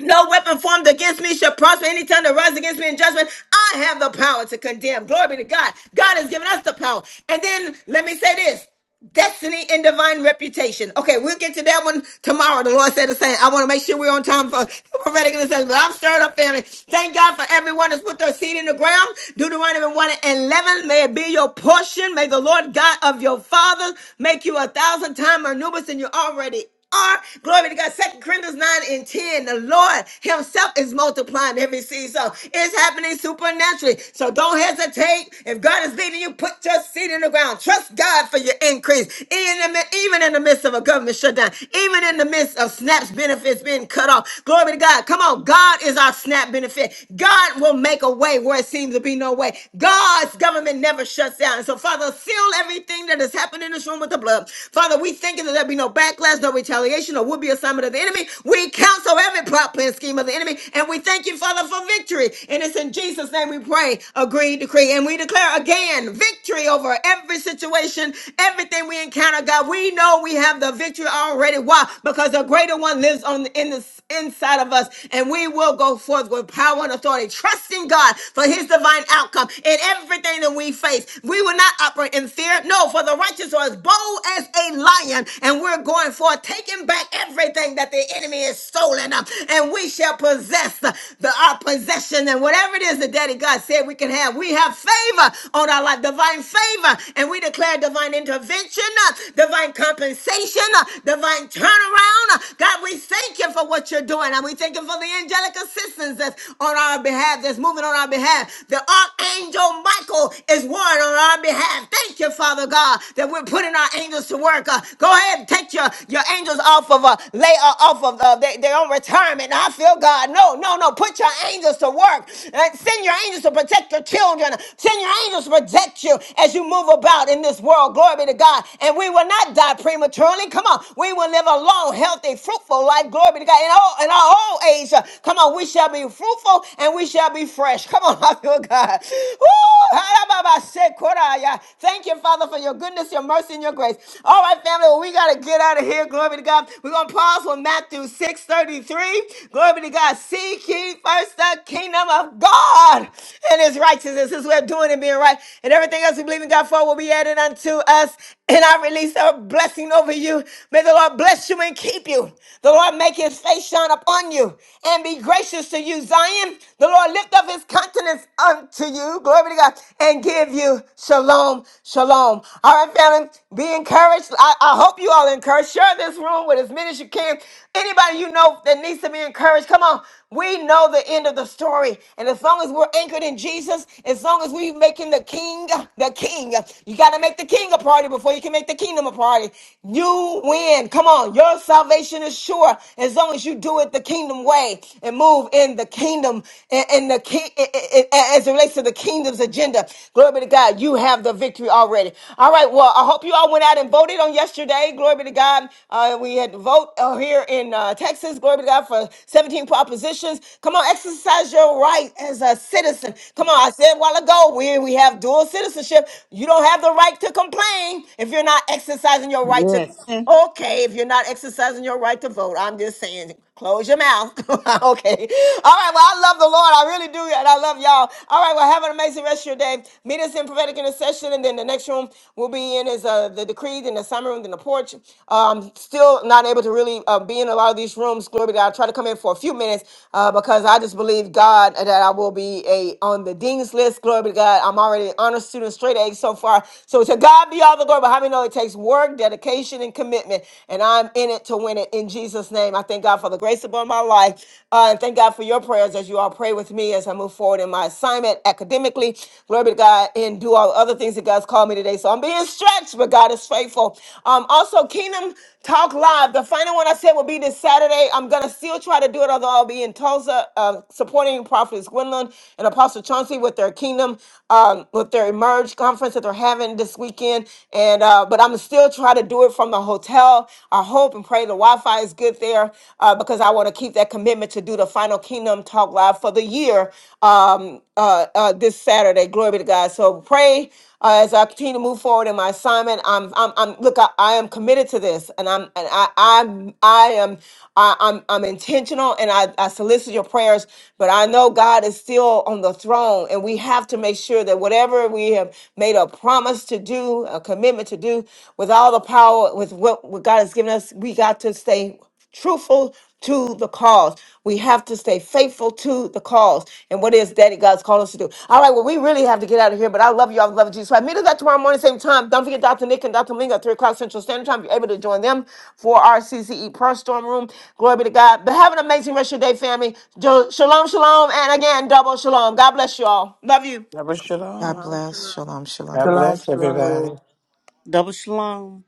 [SPEAKER 1] No weapon formed against me shall prosper. Any tongue that rises against me in judgment, I have the power to condemn. Glory be to God. God has given us the power. And then let me say this. Destiny and divine reputation. Okay, we'll get to that one tomorrow. The Lord said the same. I want to make sure we're on time for prophetic intercession. But I'm stirred up, family. Thank God for everyone that's put their seed in the ground. Deuteronomy 1 and 11. May it be your portion. May the Lord God of your fathers make you a thousand times more numerous than you already are. Glory to God. Second Corinthians 9 and 10. The Lord Himself is multiplying every seed. So it's happening supernaturally. So don't hesitate. If God is leading you, put your seed in the ground. Trust God for your increase. Even in the, even in the midst of a government shutdown, even in the midst of SNAP's benefits being cut off. Glory to God. Come on. God is our SNAP benefit. God will make a way where it seems to be no way. God's government never shuts down. And So, Father, seal everything that has happened in this room with the blood up. Father, we thank you that there be no backlash, no retaliation, or would be assignment of the enemy. We counsel every plot, plan, scheme of the enemy, and we thank you, Father, for victory. And it's in Jesus' name we pray, agree, decree, and we declare again victory over every situation, everything we encounter, God. We know we have the victory already. Why? Because the greater one lives on in the inside of us, and we will go forth with power and authority, trusting God for his divine outcome in everything that we face. We will not opera in fear. No, for the righteous are as bold as a lion, and we're going for taking back everything that the enemy is stolen, uh, and we shall possess uh, the our possession and whatever it is that Daddy God said we can have. We have favor on our life, divine favor, and we declare divine intervention, uh, divine compensation, uh, divine turnaround. Uh, God, we thank you for what you're doing, and we thank you for the angelic assistance that's on our behalf, that's moving on our behalf. The archangel angel Michael is warring on our behalf. Thank you, Father God, that we're putting our angels to work. Uh, go ahead and take your, your angels off of uh, lay uh, off of uh, they, they're retirement. I feel God. No, no, no. Put your angels to work. Uh, send your angels to protect your children. Send your angels to protect you as you move about in this world. Glory be to God. And we will not die prematurely. Come on, we will live a long, healthy, fruitful life. Glory be to God. In all in our old age, uh, come on, we shall be fruitful and we we shall be fresh. Come on, I feel God. Woo! Ha-da-ba-ba-se-kora-ya. Thank you, Father, for your goodness, your mercy, and your grace. All right, family, well, we got to get out of here. Glory be to God. We're going to pause for Matthew 6.33. Glory be to God. Seek ye first the kingdom of God and his righteousness. His way of doing and being right. And everything else we believe in God for will be added unto us. And I release a blessing over you. May the Lord bless you and keep you. The Lord make his face shine upon you and be gracious to you, Zion. The Lord lift up his countenance unto you, glory to God, and give you shalom, shalom. All right, family, be encouraged. I, I hope you all encouraged. Share this room with as many as you can. Anybody you know that needs to be encouraged, come on. We know the end of the story. And as long as we're anchored in Jesus, as long as we are making the king the king, you got to make the king a party before you can make the kingdom a party. You win. Come on. Your salvation is sure as long as you do it the kingdom way and move in the kingdom and, and the king as it relates to the kingdom's agenda. Glory be to God. You have the victory already. All right. Well, I hope you all went out and voted on yesterday. Glory be to God. Uh, we had to vote uh, here in uh, Texas. Glory be to God for 17 propositions. Come on, exercise your right as a citizen. Come on. I said a while ago, we, we have dual citizenship. You don't have the right to complain if you're not exercising your right to
[SPEAKER 7] Yes, Lord. Yes.
[SPEAKER 1] Okay, if you're not exercising your right to vote, I'm just saying, close your mouth. okay. All right. Well, I love the Lord. I really do. And I love y'all. All right. Well, have an amazing rest of your day. Meet us in prophetic intercession. And then the next room we'll be in is uh, the decree, then the summer room, then the porch. Um, still not able to really uh, be in a lot of these rooms. Glory be to God. I try to come in for a few minutes uh, because I just believe God that I will be a on the dean's list. Glory be to God. I'm already an honor student, straight A so far. So to God be all the glory. But how many know it takes? takes work, dedication, and commitment. And I'm in it to win it in Jesus' name. I thank God for the grace upon my life. Uh, and thank God for your prayers as you all pray with me as I move forward in my assignment academically. Glory be to God and do all the other things that God's called me today. So I'm being stretched, but God is faithful. Um, also, Kingdom Talk Live, the final one I said will be this Saturday. I'm going to still try to do it, although I'll be in Tulsa uh, supporting Prophetess Gwendolyn and Apostle Chauncey with their Kingdom, um, with their Emerge conference that they're having this week weekend, and uh, but I'm still trying to do it from the hotel. I hope and pray the Wi-Fi is good there uh, because I want to keep that commitment to do the Final Kingdom Talk Live for the year um, uh, uh, this Saturday. Glory be to God. So pray uh, as I continue to move forward in my assignment. I'm, I'm, I'm look, I, I am committed to this, and I'm, and I, I'm, I am, I, I'm, I'm intentional, and I, I solicit your prayers. But I know God is still on the throne, and we have to make sure that whatever we have have made a promise to do, a commitment to do with all the power, with what, what God has given us, we got to stay truthful to the cause. We have to stay faithful to the cause and what is that God's called us to do. All right, well, we really have to get out of here, but I love you. all. I love you. So I meet us back tomorrow morning, same time. Don't forget Dr. Nick and Dr. Malinga at 3 o'clock Central Standard Time. If You're able to join them for our CCE Prayer Storm Room. Glory be to God. But have an amazing rest of your day, family. Jo- Shalom, shalom, and again, double shalom. God bless you all. Love you.
[SPEAKER 10] God
[SPEAKER 15] Shalom.
[SPEAKER 16] Shalom,
[SPEAKER 10] bless. Shalom, shalom.
[SPEAKER 15] God
[SPEAKER 20] Shalom,
[SPEAKER 15] bless
[SPEAKER 20] shalom.
[SPEAKER 15] everybody.
[SPEAKER 2] Double shalom.